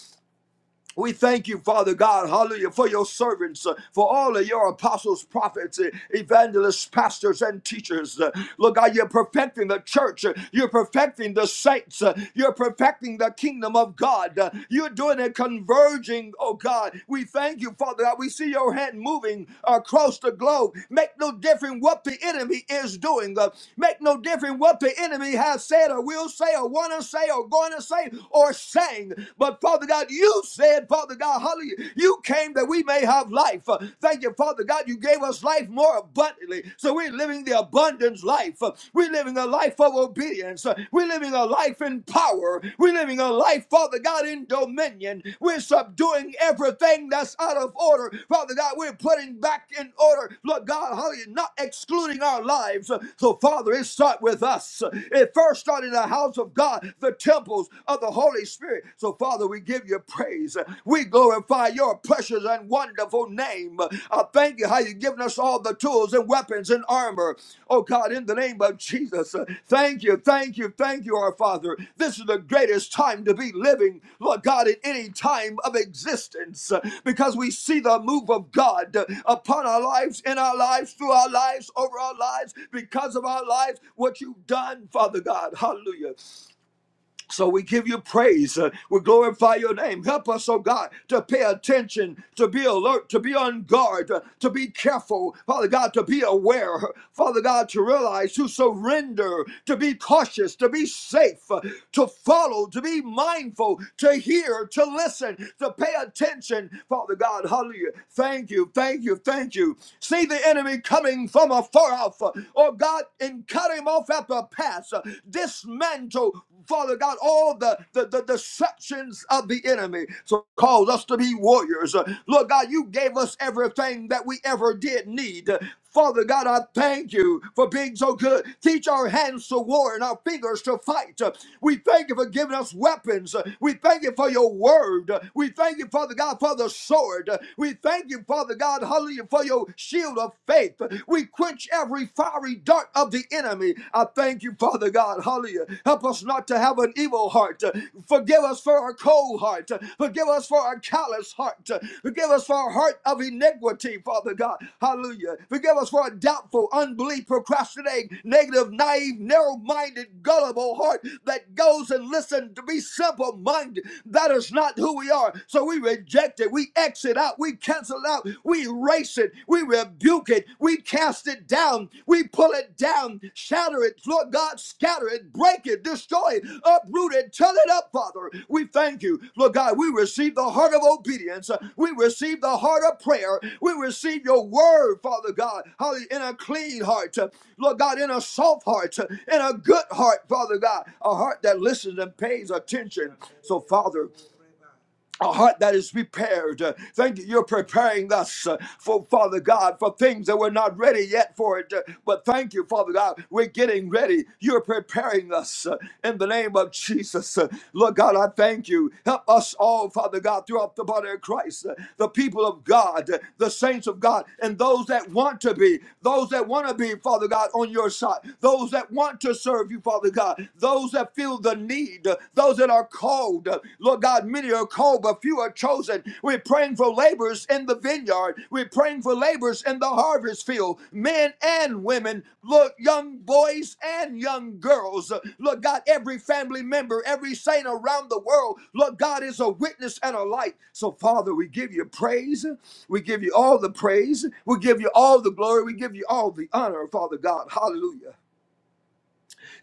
We thank you, Father God, hallelujah, for your servants, uh, for all of your apostles, prophets, uh, evangelists, pastors, and teachers. Uh, Lord God, you're perfecting the church. Uh, You're perfecting the saints. Uh, You're perfecting the kingdom of God. Uh, You're doing a converging, oh God. We thank you, Father God. We see your hand moving across the globe. Make no difference what the enemy is doing. Uh, Make no difference what the enemy has said or will say or want to say or going to say or saying. But Father God, you said, Father God, hallelujah, you came that we may have life. Uh, Thank you, Father God, you gave us life more abundantly. So we're living the abundance life. Uh, We're living a life of obedience. Uh, We're living a life in power. We're living a life, Father God, in dominion. We're subduing everything that's out of order. Father God, we're putting back in order. Lord God, hallelujah, not excluding our lives. So, Father, it starts with us. It first started in the house of God, the temples of the Holy Spirit. So, Father, we give you praise. We glorify your precious and wonderful name. I thank you how you've given us all the tools and weapons and armor. Oh, God, in the name of Jesus, uh, thank you, thank you, thank you, our Father. This is the greatest time to be living, Lord God, in any time of existence uh, because we see the move of God uh, upon our lives, in our lives, through our lives, over our lives, because of our lives, what you've done, Father God. Hallelujah. So we give you praise. Uh, we glorify your name. Help us, oh God, to pay attention, to be alert, to be on guard, uh, to be careful, Father God, to be aware, Father God, to realize, to surrender, to be cautious, to be safe, uh, to follow, to be mindful, to hear, to listen, to pay attention, Father God. Hallelujah. Thank you, thank you, thank you. See the enemy coming from afar off. uh, Oh God, and cut him off off at the pass, uh, dismantle, Father God, all the, the, the deceptions of the enemy. So cause us to be warriors. Uh, Lord God, you gave us everything that we ever did need. Uh, Father God, I thank you for being so good. Teach our hands to war and our fingers to fight. Uh, We thank you for giving us weapons. Uh, We thank you for your word. Uh, We thank you, Father God, for the sword. Uh, We thank you, Father God, hallelujah, for your shield of faith faith. We quench every fiery dart of the enemy. I thank you, Father God. Hallelujah. Help us not to have an evil heart. Forgive us for our cold heart. Forgive us for our callous heart. Forgive us for our heart of iniquity, Father God. Hallelujah. Forgive us for our doubtful, unbelief, procrastinating, negative, naive, narrow minded, gullible heart that goes and listens to be simple minded. That is not who we are. So we reject it. We exit out. We we cancel out, we erase it, we rebuke it, we cast it down, we pull it down, shatter it, Lord God, scatter it, break it, destroy it, uproot it, turn it up, Father. We thank you, Lord God. We receive the heart of obedience, we receive the heart of prayer, we receive your word, Father God, in a clean heart, Lord God, in a soft heart, in a good heart, Father God, a heart that listens and pays attention. So, Father a heart that is prepared. Uh, Thank you. You're preparing us uh, for Father God for things that we're not ready yet for it. Uh, But thank you, Father God. We're getting ready. You're preparing us uh, in the name of Jesus. Uh, Lord God, I thank you. Help us all, Father God, throughout the body of Christ, uh, the people of God, uh, the saints of God, and those that want to be, those that want to be, Father God, on your side, those that want to serve you, Father God, those that feel the need, uh, those that are called. Uh, Lord God, many are called, but few are chosen. We're praying for laborers in the vineyard. We're praying for laborers in the harvest field, men and women, look, young boys and young girls. Uh, Lord God, every family member, every saint around the world, Lord God is a witness and a light. So, Father, we give you praise. We give you all the praise. We give you all the glory. We give you all the honor, Father God. Hallelujah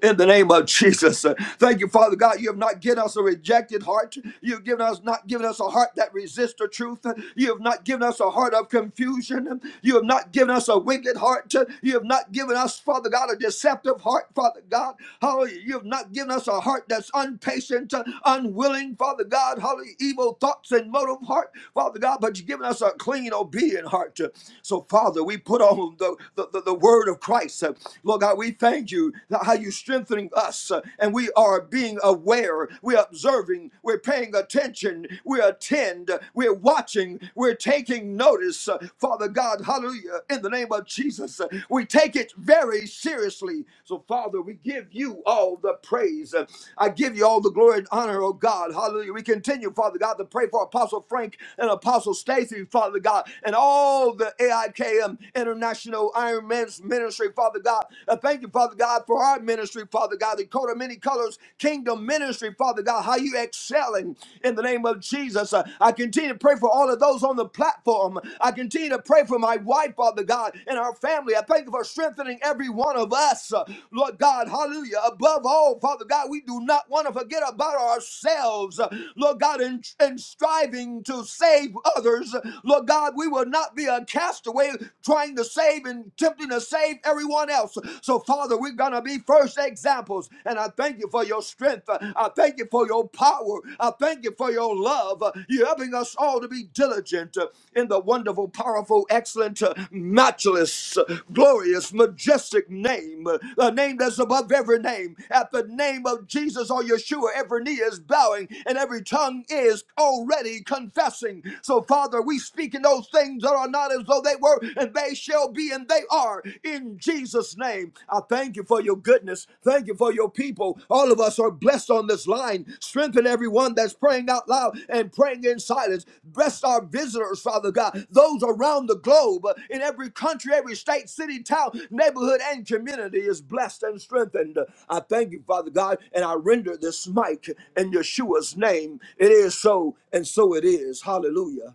in the name of Jesus. Uh, Thank you, Father God. You have not given us a rejected heart. You have given us not given us a heart that resists the truth. You have not given us a heart of confusion. You have not given us a wicked heart. You have not given us, Father God, a deceptive heart, Father God. Hallelujah. You have not given us a heart that's unpatient, unwilling, Father God. Hallelujah. Evil thoughts and motive heart, Father God, but you've given us a clean, obedient heart. So, Father, we put on the, the, the, the word of Christ. Lord God, God, we thank you that how you're strengthening us uh, and we are being aware, we're observing, we're paying attention, we attend, we're watching, we're taking notice. Uh, Father God, hallelujah, in the name of Jesus, uh, we take it very seriously. So, Father, we give you all the praise. Uh, I give you all the glory and honor, oh God, hallelujah. We continue, Father God, to pray for Apostle Frank and Apostle Stacy, Father God, and all the AIKM International Ironman man's ministry, Father God. I thank you, Father God, for our ministry, Father God, the coat of many colors, kingdom ministry, Father God, how you excelling in the name of Jesus. Uh, I continue to pray for all of those on the platform. I continue to pray for my wife, Father God, and our family. I thank you for strengthening every one of us, uh, Lord God. Hallelujah. Above all, Father God, we do not want to forget about ourselves, uh, Lord God, in, in striving to save others. Lord God, we will not be a castaway trying to save and tempting to save everyone else. So, Father, we're going to be first examples. And I thank you for your strength. I thank you for your power. I thank you for your love. You're helping us all to be diligent in the wonderful, powerful, excellent, matchless, glorious, majestic name, a name that's above every name. At the name of Jesus or Yeshua, every knee is bowing and every tongue is already confessing. So, Father, we speak in those things that are not as though they were, and they shall be, and they are. In Jesus' name, I thank you for your goodness. Thank you for your people. All of us are blessed on this line. Strengthen everyone that's praying out loud and praying in silence. Bless our visitors, Father God, those around the globe, uh, in every country, every state, city, town, neighborhood, and community is blessed and strengthened. I thank you, Father God, and I render this mic in Yeshua's name. It is so, and so it is. Hallelujah.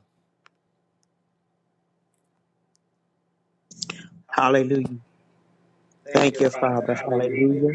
Hallelujah. Thank Thank you, you, Father. Father. Hallelujah. Hallelujah.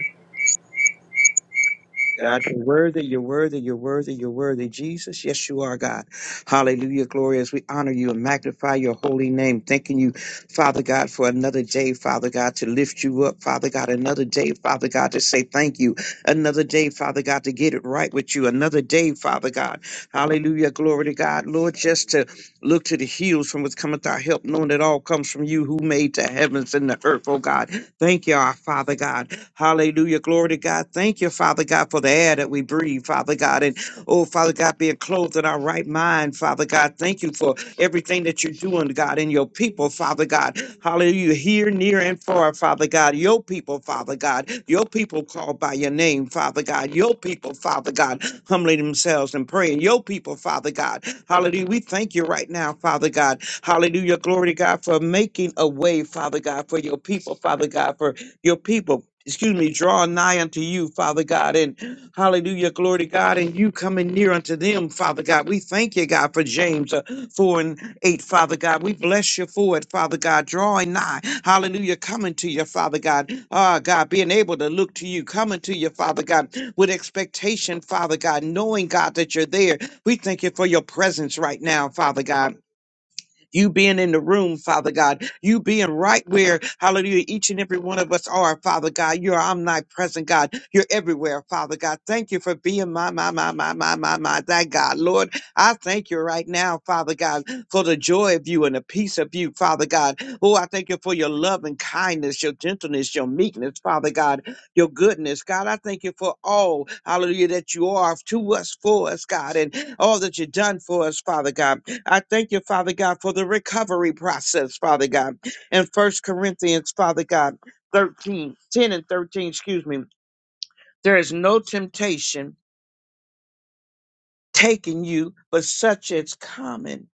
God. God, you're worthy, you're worthy, you're worthy, you're worthy. Jesus, yes, you are, God. Hallelujah, glorious. We honor you and magnify your holy name. Thanking you, Father God, for another day, Father God, to lift you up, Father God. Another day, Father God, to say thank you. Another day, Father God, to get it right with you. Another day, Father God. Hallelujah, glory to God. Lord, just to look to the hills from which cometh our help, knowing it all comes from you who made the heavens and the earth, oh God. Thank you, our Father God. Hallelujah. Glory to God. Thank you, Father God, for the air that we breathe, Father God. And oh, Father God, being clothed in our right mind, Father God. Thank you for everything that you're doing, God, in your people, Father God. Hallelujah. Here, near, and far, Father God. Your people, Father God. Your people called by your name, Father God. Your people, Father God, humbling themselves and praying. Your people, Father God. Hallelujah. We thank you right now, Father God. Hallelujah. Glory to God for making a way, Father God, for your people, Father God, for your people, excuse me, draw nigh unto you, Father God. And hallelujah, glory to God. And you coming near unto them, Father God. We thank you, God, for James uh, 4 and 8, Father God. We bless you for it, Father God. Drawing nigh, hallelujah, coming to you, Father God. Ah, God, being able to look to you, coming to you, Father God, with expectation, Father God, knowing, God, that you're there. We thank you for your presence right now, Father God you being in the room, Father God, you being right where, hallelujah, each and every one of us are, Father God. You're omnipresent, God. You're everywhere, Father God. Thank you for being my, my, my, my, my, my, my, that God. Lord, I thank you right now, Father God, for the joy of you and the peace of you, Father God. Oh, I thank you for your love and kindness, your gentleness, your meekness, Father God, your goodness, God. I thank you for all, hallelujah, that you are to us, for us, God, and all that you've done for us, Father God. I thank you, Father God, for the recovery process, Father God. In First Corinthians, Father God, 13, 10, and 13, excuse me. There is no temptation taking you, but such as common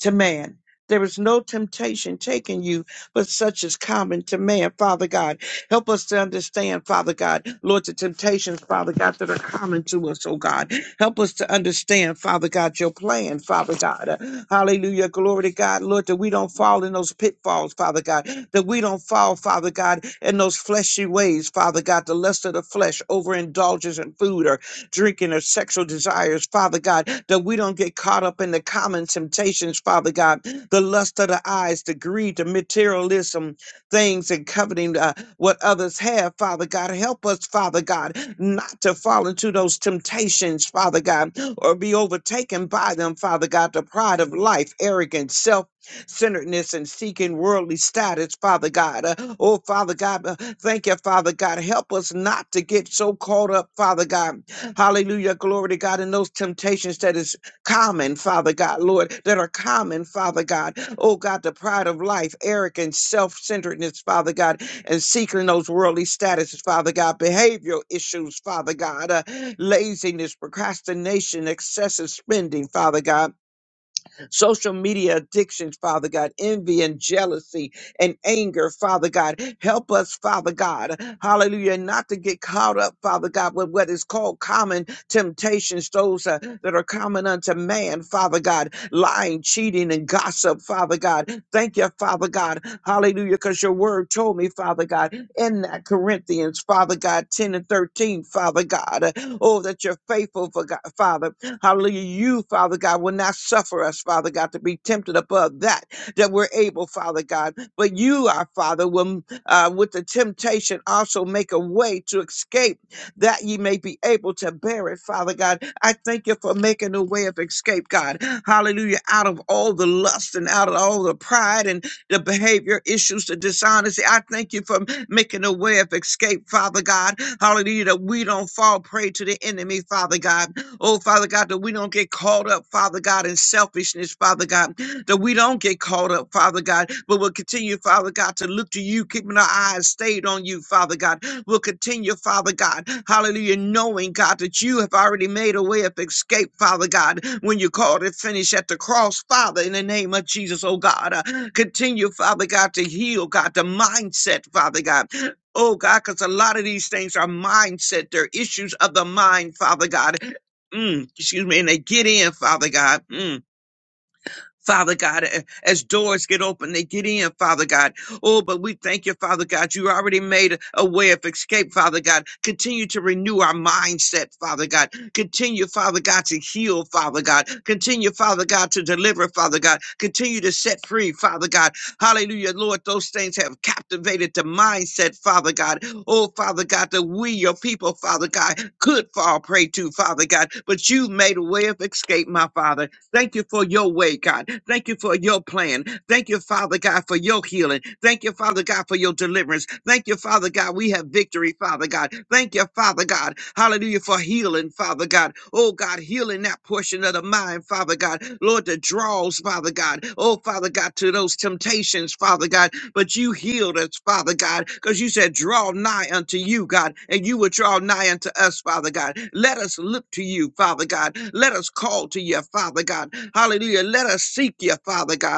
to man. There is no temptation taking you, but such is common to man, Father God. Help us to understand, Father God, Lord, the temptations, Father God, that are common to us, oh God. Help us to understand, Father God, your plan, Father God. Uh, hallelujah. Glory to God, Lord, that we don't fall in those pitfalls, Father God. That we don't fall, Father God, in those fleshy ways, Father God, the lust of the flesh, overindulgence in food, or drinking or sexual desires, Father God, that we don't get caught up in the common temptations, Father God, the lust of the eyes, the greed, the materialism, things and coveting uh, what others have, Father God. Help us, Father God, not to fall into those temptations, Father God, or be overtaken by them, Father God, the pride of life, arrogance, self centeredness and seeking worldly status, Father God. Uh, oh, Father God, uh, thank you, Father God. Help us not to get so caught up, Father God Hallelujah. Glory to God. And those temptations that is common, Father God, Lord, that are common, Father God. Oh God, the pride of life, arrogance, self-centeredness, Father God, and seeking those worldly statuses, Father God, behavioral issues, Father God, uh, laziness, procrastination, excessive spending, Father God social media addictions, Father God, envy and jealousy and anger, Father God. Help us, Father God, hallelujah, not to get caught up, Father God, with what is called common temptations, those uh, that are common unto man, Father God, lying, cheating, and gossip, Father God. Thank you, Father God, hallelujah, because your word told me, Father God, in that Corinthians, Father God, 10 and 13, Father God, uh, oh, that you're faithful, for God, Father. Hallelujah. You, Father God, will not suffer us, Father God, to be tempted above that, that we're able, Father God. But you, our Father, will uh, with the temptation also make a way to escape that ye may be able to bear it, Father God. I thank you for making a way of escape, God. Hallelujah. Out of all the lust and out of all the pride and the behavior issues, the dishonesty. I thank you for making a way of escape, Father God. Hallelujah. That we don't fall prey to the enemy, Father God. Oh, Father God, that we don't get caught up, Father God, in selfishness, Father God, that we don't get caught up, Father God, but we'll continue, Father God, to look to you, keeping our eyes stayed on you, Father God. We'll continue, Father God, hallelujah, knowing, God, that you have already made a way of escape, Father God, when you called it finish at the cross, Father, in the name of Jesus, oh God. Uh, continue, Father God, to heal, God, the mindset, Father God. Oh God, because a lot of these things are mindset. They're issues of the mind, Father God. Mm, excuse me, and they get in, Father God. Mm Father God, a- as doors get open, they get in, Father God. Oh, but we thank you, Father God. You already made a a way of escape, Father God. Continue to renew our mindset, Father God. Continue, Father God, to heal, Father God. Continue, Father God, to deliver, Father God. Continue to set free, Father God. Hallelujah, Lord. Those things have captivated the mindset, Father God. Oh, Father God, that we, your people, Father God, could fall prey to, Father God. But you made a way of escape, my Father. Thank you for your way, God. Thank you for your plan. Thank you, Father God, for your healing. Thank you, Father God, for your deliverance. Thank you, Father God. We have victory, Father God. Thank you, Father God. Hallelujah for healing, Father God. Oh God, healing that portion of the mind, Father God. Lord, the draws, Father God. Oh, Father God, to those temptations, Father God. But you healed us, Father God, because you said, draw nigh unto you, God, and you will draw nigh unto us, Father God. Let us look to you, Father God. Let us call to you, Father God. Hallelujah. Let us seek you, Father God.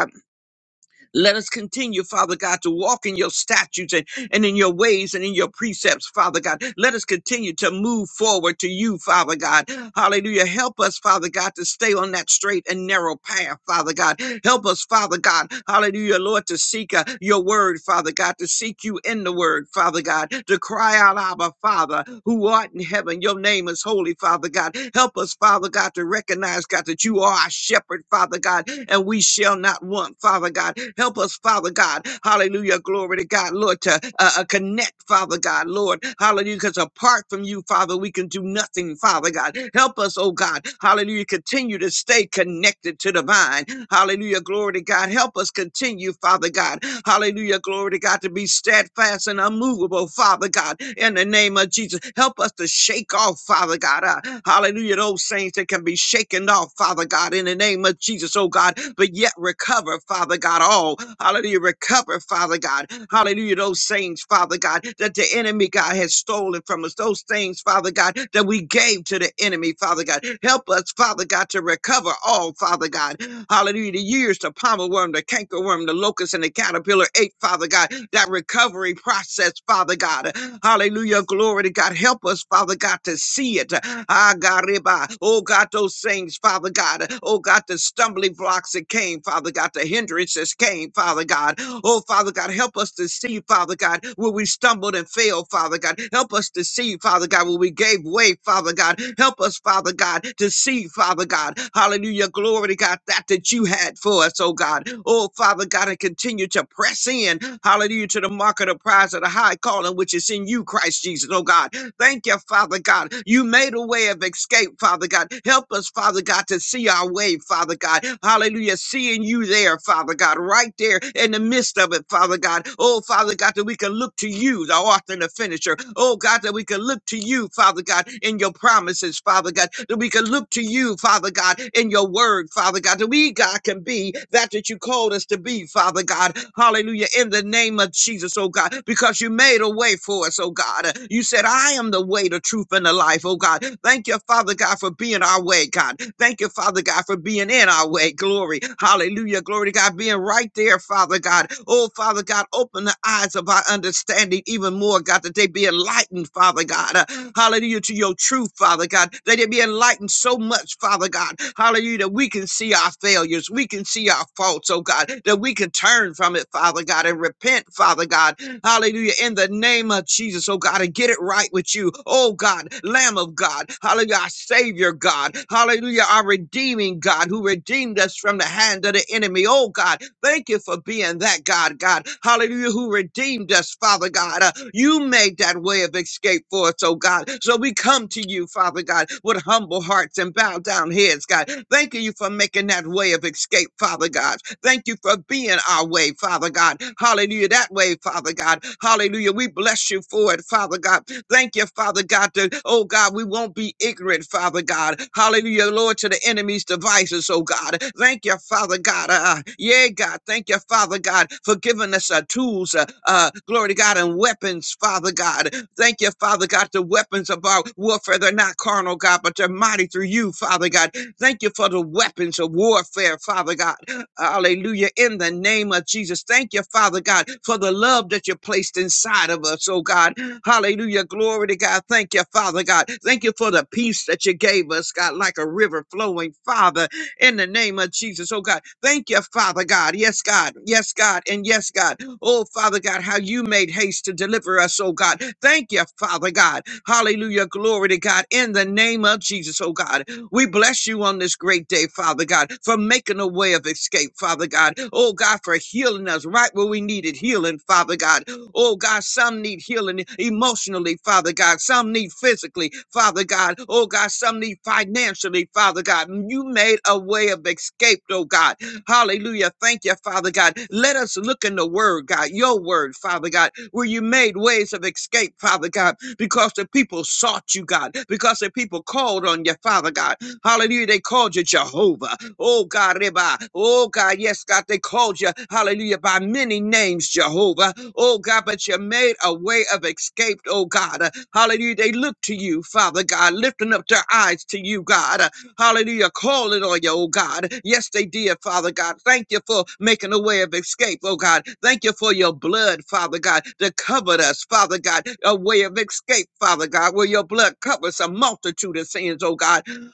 Let us continue, Father God, to walk in your statutes and, and in your ways and in your precepts, Father God. Let us continue to move forward to you, Father God. Hallelujah. Help us, Father God, to stay on that straight and narrow path, Father God. Help us, Father God. Hallelujah, Lord, to seek uh, your word, Father God, to seek you in the word, Father God, to cry out, Abba, Father, who art in heaven. Your name is holy holy, Father God. Help us, Father God, to recognize, God, that you are our shepherd, Father God, and we shall not want, Father God. Help us, Father God. Hallelujah. Glory to God, Lord, to uh, uh, connect, Father God, Lord. Hallelujah. Because apart from you, Father, we can do nothing, Father God. Help us, oh God. Hallelujah. Continue to stay connected to the vine. Hallelujah. Glory to God. Help us continue, Father God. Hallelujah. Glory to God to be steadfast and unmovable, Father God. In the name of Jesus, help us to shake off, Father God. uh, hallelujah. Those things that can be shaken off, Father God. In the name of Jesus, oh God. But yet recover, Father God, all. Hallelujah. Recover, Father God. Hallelujah. Those things, Father God, that the enemy, God, has stolen stolen from us, those things, Father God, that we gave to the enemy, Father God. Help us, Father God, to recover all, Father God. Hallelujah. The years, the palmer worm, the canker worm, the locust, and the caterpillar ate, Father God. That recovery process, Father God. Hallelujah. Glory to God. Help us, Father God, to see it. Ah, God, reba. Oh, God, those things, Father God. Oh, God, the stumbling blocks that came came, Father God, the hindrances came, Father God. Oh, Father God, help us to see, Father God, where we stumbled and failed, Father God. Help us to see, Father God, where we gave way, Father God. Help us, Father God, to see, Father God. Hallelujah. Glory to God, that that you had for us, oh God. Oh, Father God, and continue to press in, hallelujah, to the mark of the prize of the high calling, which is in you, Christ Jesus, oh God. Thank you, Father God. You made a way of escape, Father God. Help us, Father God, to see our way, Father God. Hallelujah. Seeing you there, Father God, right there in the midst of it, Father God. Oh, Father God, that we can look to you, the author and the finisher. Oh, God, that we can look to you, Father God, in your promises, Father God. That we can look to you, Father God, in your word, Father God. That we, God, can be that that you called us to be, Father God. Hallelujah. In the name of Jesus, oh God, because you made a way for for us, oh God. Uh, You said, I am the way, the truth, and the life, oh God. Thank you, Father God, for being our way, God. Thank you, Father God, for being in our way. Glory. Hallelujah. Glory to God, being right there, Father God. Oh, Father God, open the eyes of our understanding even more, God, that they be enlightened, Father God. Uh, hallelujah, to your truth, Father God. That they be enlightened so much, Father God. Hallelujah, that we can see our failures. We can see our faults, oh God, that we can turn from it, Father God, and repent, Father God, Hallelujah. In the name of Jesus, oh God, and get it right with you. Oh God, Lamb of God. Hallelujah. Our Savior God. Hallelujah. Our redeeming God who redeemed us from the hand of the enemy. Oh God, thank you for being that God, God. Hallelujah. Who redeemed us, Father God. Uh, you made that way of escape for us, oh God. So we come to you, Father God, with humble hearts and bow down heads, God. Thank you for making that way of escape, Father God. Thank you for being our way, Father God. Hallelujah. That way, Father God. Hallelujah. We bless you for it, Father God. Thank you, Father God. That, oh God, we won't be ignorant, Father God. Hallelujah, Lord, to the enemy's devices, oh God. Thank you, Father God. Uh, yeah, God. Thank you, Father God, for giving us our tools, uh, uh, glory to God, and weapons, Father God. Thank you, Father God. The weapons of our warfare, they're not carnal, God, but they're mighty through you, Father God. Thank you for the weapons of warfare, Father God. Hallelujah. In the name of Jesus. Thank you, Father God, for the love that you placed inside of us, oh God. Hallelujah. Glory to God. Thank you, Father God. Thank you for the peace that you gave us, God, like a river flowing, Father, in the name of Jesus. Oh, God. Thank you, Father God. Yes, God. Yes, God. And yes, God. Oh, Father God, how you made haste to deliver us, oh, God. Thank you, Father God. Hallelujah. Glory to God. In the name of Jesus, oh, God. We bless you on this great day, Father God, for making a way of escape, Father God. Oh, God, for healing us right where we needed healing, Father God. Oh God, some need healing emotionally, Father God. Some need physically, Father God. Oh God, some need financially, Father God. You made a way of escape, oh God. Hallelujah. Thank you, Father God. Let us look in the word, God, your word, Father God, where you made ways of escape, Father God, because the people sought you, God, because the people called on you, Father God. Hallelujah. They called you Jehovah. Oh God, Reba. Oh God, yes, God, they called you, hallelujah, by many names, Jehovah. Oh God, but you made a way of escape, oh God. Uh, Hallelujah. They look to you, Father God, lifting up their eyes to you, God. Uh, Hallelujah. Calling on you, oh God. Yes, they did, Father God. Thank you for making a way of escape, oh God. Thank you for your blood, Father God, that covered us, Father God. A way of escape, Father God, where your blood covers a multitude of sins, oh God.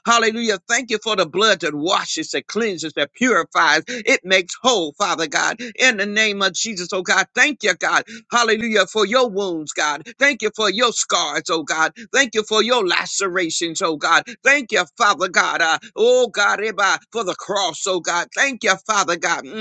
Hallelujah. Thank you for the blood that washes, that cleanses, that purifies. It makes whole, Father God. In the name of Jesus, oh God. Thank you, God. Hallelujah. For your wounds, God. Thank you for your scars, oh God. Thank you for your lacerations, oh God. Thank you, Father God. Uh, oh God, Eba, for the cross, oh God. Thank you, Father God. Mm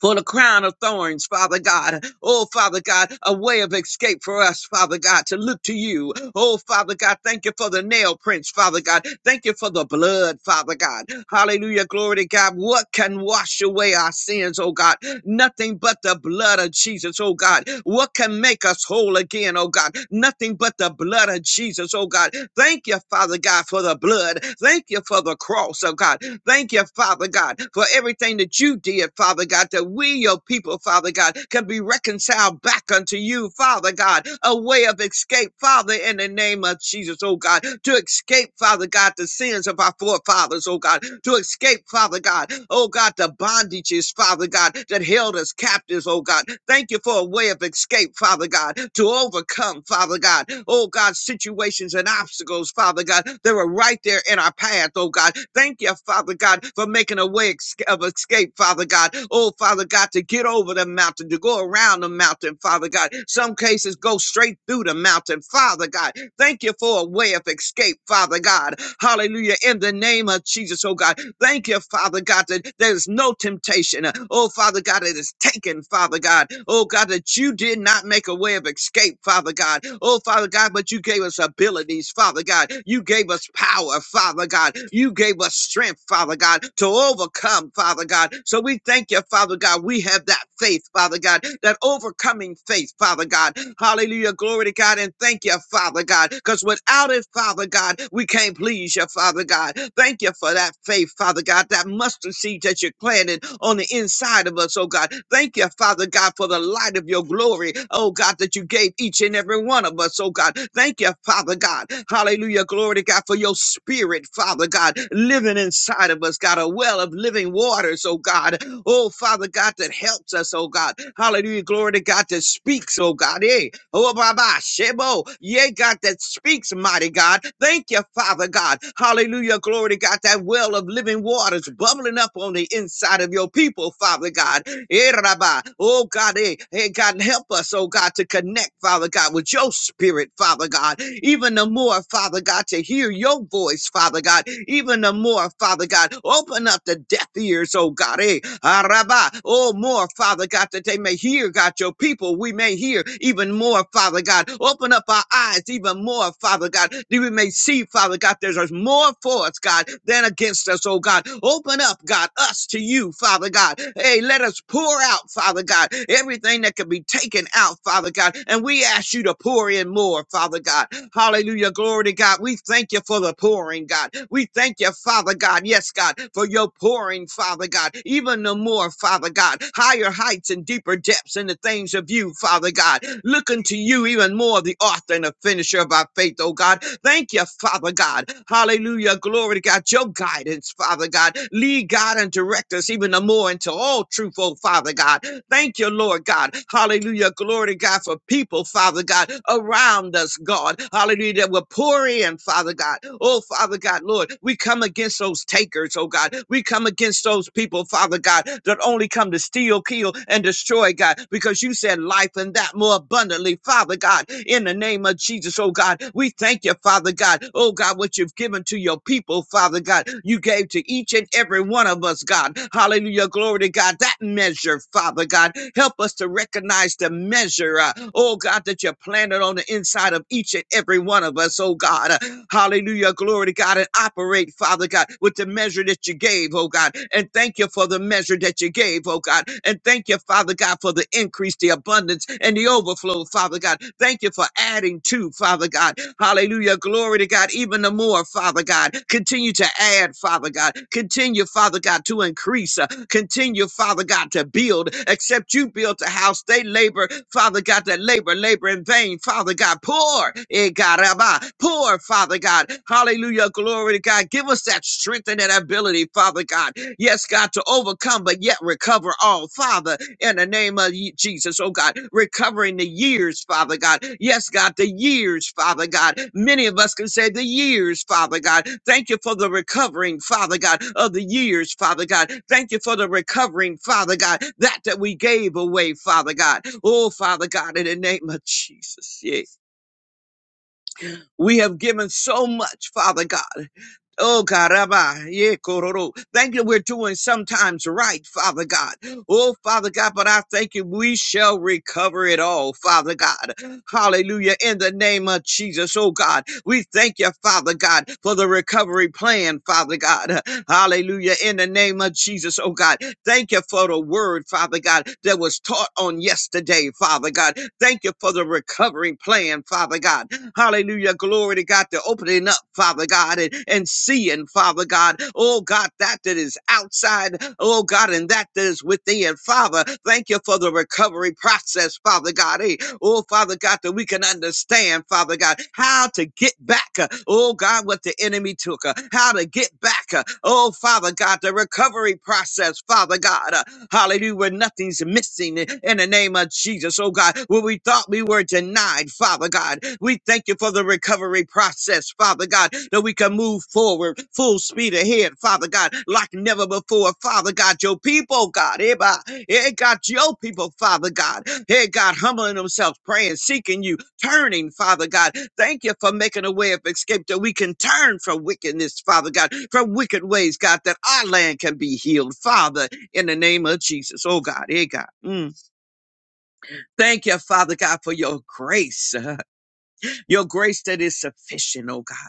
for the crown of thorns, Father God. Oh, Father God, a way of escape for us, Father God, to look to you. Oh, Father God, thank you for the nail prints, Father God. Thank you for the blood, Father God. Hallelujah. Glory to God. What can wash away our sins, oh God? Nothing but the blood of Jesus, oh God. What can make us whole again, oh God? Nothing but the blood of Jesus, oh God. Thank you, Father God, for the blood. Thank you for the cross, oh God. Thank you, Father God, for everything that you did, Father God, that we, your people, Father God, can be reconciled back unto you, Father God, a way of escape, Father, in the name of Jesus, oh God, to escape, Father God, the sins of our forefathers, us, oh God, to escape, Father God. Oh God, the bondages, Father God, that held us captives, oh God. Thank you for a way of escape, Father God, to overcome, Father God. Oh God, situations and obstacles, Father God, that were right there in our path, oh God. Thank you, Father God, for making a way ex- of escape, Father God. Oh Father God, to get over the mountain, to go around the mountain, Father God. Some cases go straight through the mountain, Father God. Thank you for a way of escape, Father God. Hallelujah. In the name of Jesus, oh God. Thank you, Father God, that there's no temptation. uh, Oh, Father God, it is taken, Father God. Oh, God, that you did not make a way of escape, Father God. Oh, Father God, but you gave us abilities, Father God. You gave us power, Father God. You gave us strength, Father God, to overcome, Father God. So we thank you, Father God. We have that faith, Father God, that overcoming faith, Father God. Hallelujah Hallelujah. Glory to God. And thank you, Father God. Because without it, Father God, we can't please you, Father God. Thank you for that faith, Father God, that mustard seed that you planted on the inside of us, oh God. Thank you, Father God, for the light of your glory, oh God, that you gave each and every one of us, oh God. Thank you, Father God. Hallelujah. Glory to God for your spirit, Father God, living inside of us, God, a well of living waters, oh God. Oh, Father God, that helps us, oh God. Hallelujah. Glory to God. God, that speaks, oh God. eh? oh Baba, Shebo, yea, God, that speaks, mighty God. Thank you, Father God. Hallelujah, glory to God. That well of living waters bubbling up on the inside of your people, Father God. Eh, Rabba. Oh God, eh, hey God, help us, oh God, to connect, Father God, with your spirit, Father God. Even the more, Father God, to hear your voice, Father God. Even the more, Father God, open up the deaf ears, oh God. eh? Araba. Oh, more, more, Father God, that they may hear, God, your people. We may hear even more, Father God. Open up our eyes even more, Father God, that we may see, Father God, there's there's more for us, God, than against us, oh God. Open up, God, us to you, Father God. Hey, let us pour out, Father God, everything that could be taken out, Father God. And we ask you to pour in more, Father God. Hallelujah. Glory to God. We thank you for the pouring, God. We thank you, Father God. Yes, God, for your pouring, Father God. God, even the more, Father God, higher heights and deeper depths in the things of you, Father God. Looking to you even more, the author and the finisher of our faith, oh God. Thank you, Father God. Hallelujah. Glory to God. Your guidance, Father God. Lead God and direct us even the more into all truth, oh Father God. Thank you, Lord God. Hallelujah. Glory to God for people, Father God, around us, God. Hallelujah. That will pour in, Father God. Oh, Father God, Lord, we come against those takers takers, oh God. We come against those people, Father God, that only come to steal, kill, and destroy, God, because you said life and that more abundantly, Father God, in the name of Jesus, oh God. We thank you, Father God, oh God, what you've given to your people, Father God. You gave to each and every one of us, God. Hallelujah, glory to God. That measure, Father God, help us to recognize the measure, uh, oh God, that you planted on the inside of each and every one of us, oh God. Uh, hallelujah, glory to God. God, and operate, Father God, with the measure that you gave, oh God. And thank you for the measure that you gave, oh God. And thank you, Father God, for the increase, the abundance, and the overflow, Father God. Thank you for adding to, Father God. Hallelujah. Glory to God. Even the more, Father God. Continue to add, Father God. Continue, Father God, to increase. uh, Continue, Father God, to build. Except you built a house, they labor, Father God, that labor, labor in vain, Father God. Poor, Poor Father God. Hallelujah. Glory to God. Give us that strength and that ability, Father God. Yes, God, to overcome, but yet recover all, Father, in the name of ye- Jesus, oh God. Recovering the years, Father God. Yes, God, the years, Father God. Many of us can say the years, Father God. Thank you for the recovering, Father God, of the years, Father God. Thank you for the recovering, Father God, that that we gave away, Father God. Oh, Father God, in the name of Jesus. Yeah. We have given so much, Father God. Oh God, Rabbi, yeah, kororo. Thank you. We're doing sometimes right, Father God. Oh Father God, but I thank you. We shall recover it all, Father God. Hallelujah. In the name of Jesus, oh God, we thank you, Father God, for the recovery plan, Father God. Hallelujah. In the name of Jesus, oh God, thank you for the word, Father God, that was taught on yesterday, Father God. Thank you for the recovery plan, Father God. Hallelujah. Glory to God. They're opening up, Father God, and, and seeing, Father God. Oh God, that that is outside. Oh God, and that that is within. Father, thank you for the recovery process, Father God. Hey, oh Father God, that we can understand, Father God, how to get back. uh, Oh God, what the enemy took. uh, How to get back. uh, Oh Father God, the recovery process, Father God. uh, Hallelujah. Where nothing's missing in the name of Jesus. Oh God, where we thought we were denied, Father God. We thank you for the recovery process, Father God, that we can move forward full speed ahead, Father God, like never before. Father God, your people, God, eh, bah, eh, God, your people, Father God, eh, God, humbling themselves, praying, seeking you, turning, Father God. Thank you for making a way of escape that we can turn from wickedness, Father God, from wicked ways, God, that our land can be healed, Father in the name of Jesus. Oh God, hey God. Mm. Thank you, Father God, for your grace. Your grace that is sufficient, oh God.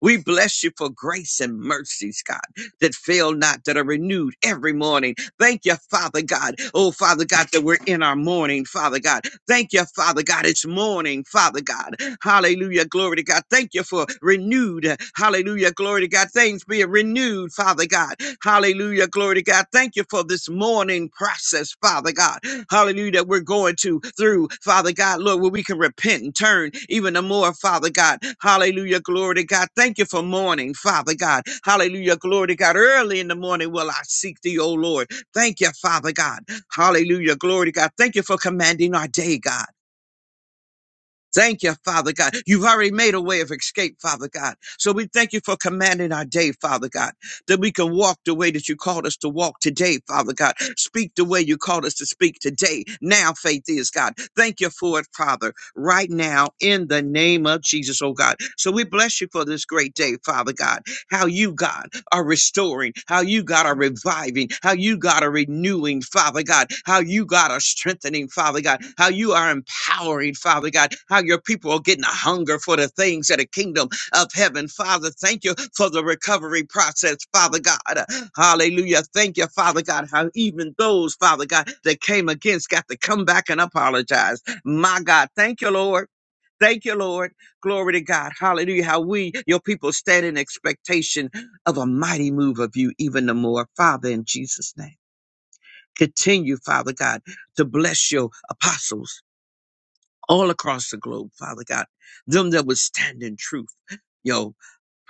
We bless you for grace and mercies, God, that fail not, that are renewed every morning. Thank you, Father God. Oh, Father God, that we're in our morning, Father God. Thank you, Father God. It's morning, Father God. Hallelujah. Glory to God. Thank you for renewed. Hallelujah. Glory to God. Things being renewed, Father God. Hallelujah. Glory to God. Thank you for this morning process, Father God hallelujah, that we're going to through, Father God, Lord, where we can repent and turn even the more, Father God, hallelujah, glory to God. Thank you for morning, Father God, hallelujah, glory to God. Early in the morning will I seek thee, O Lord. Thank you, Father God, hallelujah, glory to God. Thank you for commanding our day, God. Thank you, Father God. You've already made a way of escape, Father God. So we thank you for commanding our day, Father God, that we can walk the way that you called us to walk today, Father God. Speak the way you called us to speak today. Now faith is God. Thank you for it, Father, right now in the name of Jesus, oh God. So we bless you for this great day, Father God. How you, God are restoring, how you, God, are reviving, how you, God, are renewing, Father God, how you, God, are strengthening, Father God, how you are empowering, Father God, how your people are getting a hunger for the things of the kingdom of heaven. Father, thank you for the recovery process, Father God. Hallelujah. Thank you, Father God, how even those, Father God, that came against got to come back and apologize. My God, thank you, Lord. Thank you, Lord. Glory to God. Hallelujah. How we, your people, stand in expectation of a mighty move of you even the more, Father, in Jesus' name. Continue, Father God, to bless your apostles all across the globe, Father God, them that would stand in truth, your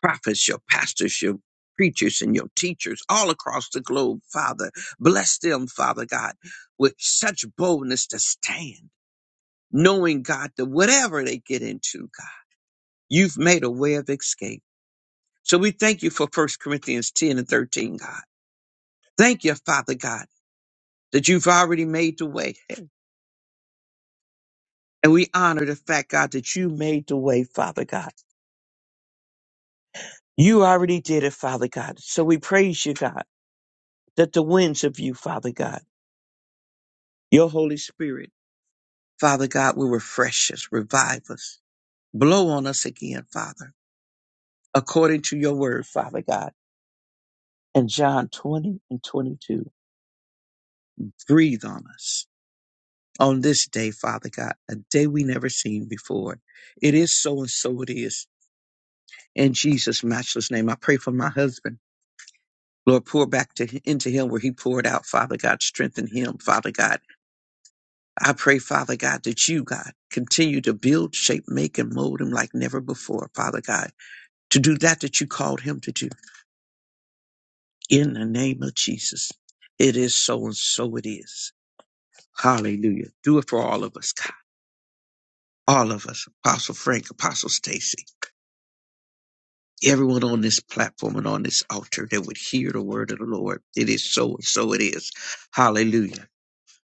prophets, your pastors, your preachers, and your teachers all across the globe, Father. Bless them, Father God, with such boldness to stand, knowing, God, that whatever they get into, God, you've made a way of escape. So we thank you for First Corinthians 10 and 13, God. Thank you, Father God that you've already made the way. And we honor the fact, God, that you made the way, Father God. You already did it, Father God. So we praise you, God, that the winds of you, Father God, your Holy Spirit, Father God, will refresh us, revive us, blow on us again, Father, according to your word, Father God. And John 20 and 22, breathe on us on this day, Father God, a day we never seen before. It is so and so it is. In Jesus' matchless name, I pray for my husband. Lord, pour back to, into him where he poured out, Father God. Strengthen him, Father God. I pray, Father God, that you, God, continue to build, shape, make, and mold him like never before, Father God, to do that that you called him to do. In the name of Jesus, it is so and so it is. Hallelujah. Do it for all of us, God. All of us, Apostle Frank, Apostle Stacy, everyone on this platform and on this altar that would hear the word of the Lord. It is so and so it is. Hallelujah.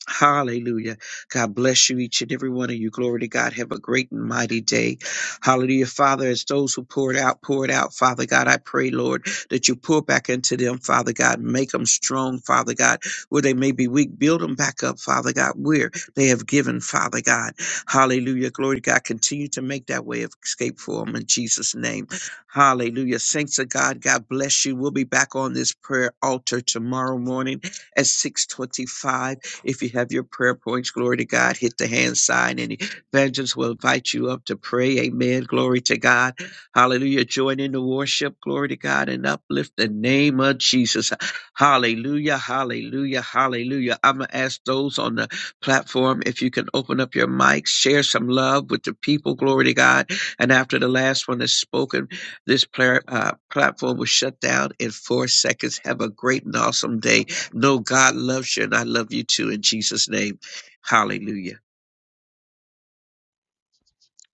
Hallelujah. God bless you, each and every one of you. Glory to God. Have a great and mighty day. Hallelujah. Father, as those who poured out, poured out, Father God, I pray, Lord, that you pour back into them, Father God. Make them strong, Father God, where they may be weak. Build them back up, Father God, where they have given, Father God. Hallelujah. Glory to God. Continue to make that way of escape for them in Jesus' name. Hallelujah. Saints of God, God bless you. We'll be back on this prayer altar tomorrow morning at 625 if you have your prayer points, glory to God, hit the hand sign and evangelist will invite you up to pray. Amen. Glory to God. Hallelujah. Join in the worship. Glory to God and uplift the name of Jesus. Hallelujah. Hallelujah. Hallelujah. I'm going to ask those on the platform if you can open up your mics, share some love with the people. Glory to God. And after the last one is spoken, this player, uh, platform will shut down in four seconds. Have a great and awesome day. No, God loves you, and I love you too in Jesus' name. Hallelujah.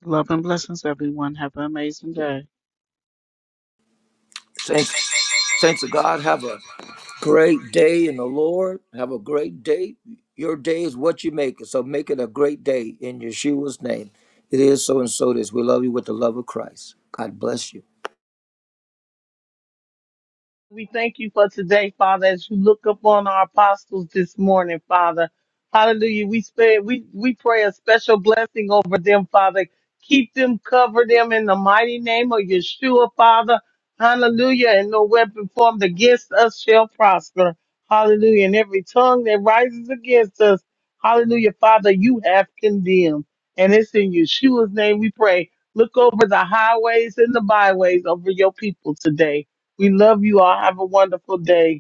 Love and blessings, everyone. Have an amazing day. Saints, saints of God, have a great day in the Lord. Have a great day. Your day is what you make it. So make it a great day in Yeshua's name. It is so and so it is. We love you with the love of Christ. God bless you. We thank you for today, Father, as you look upon our apostles this morning, Father. Hallelujah. We spare, we, we pray a special blessing over them, Father. Keep them, cover them in the mighty name of Yeshua, Father. Hallelujah. And no weapon formed against us shall prosper. Hallelujah. And every tongue that rises against us, hallelujah, Father, you have condemned. And it's in Yeshua's name we pray. Look over the highways and the byways over your people today. We love you all. Have a wonderful day.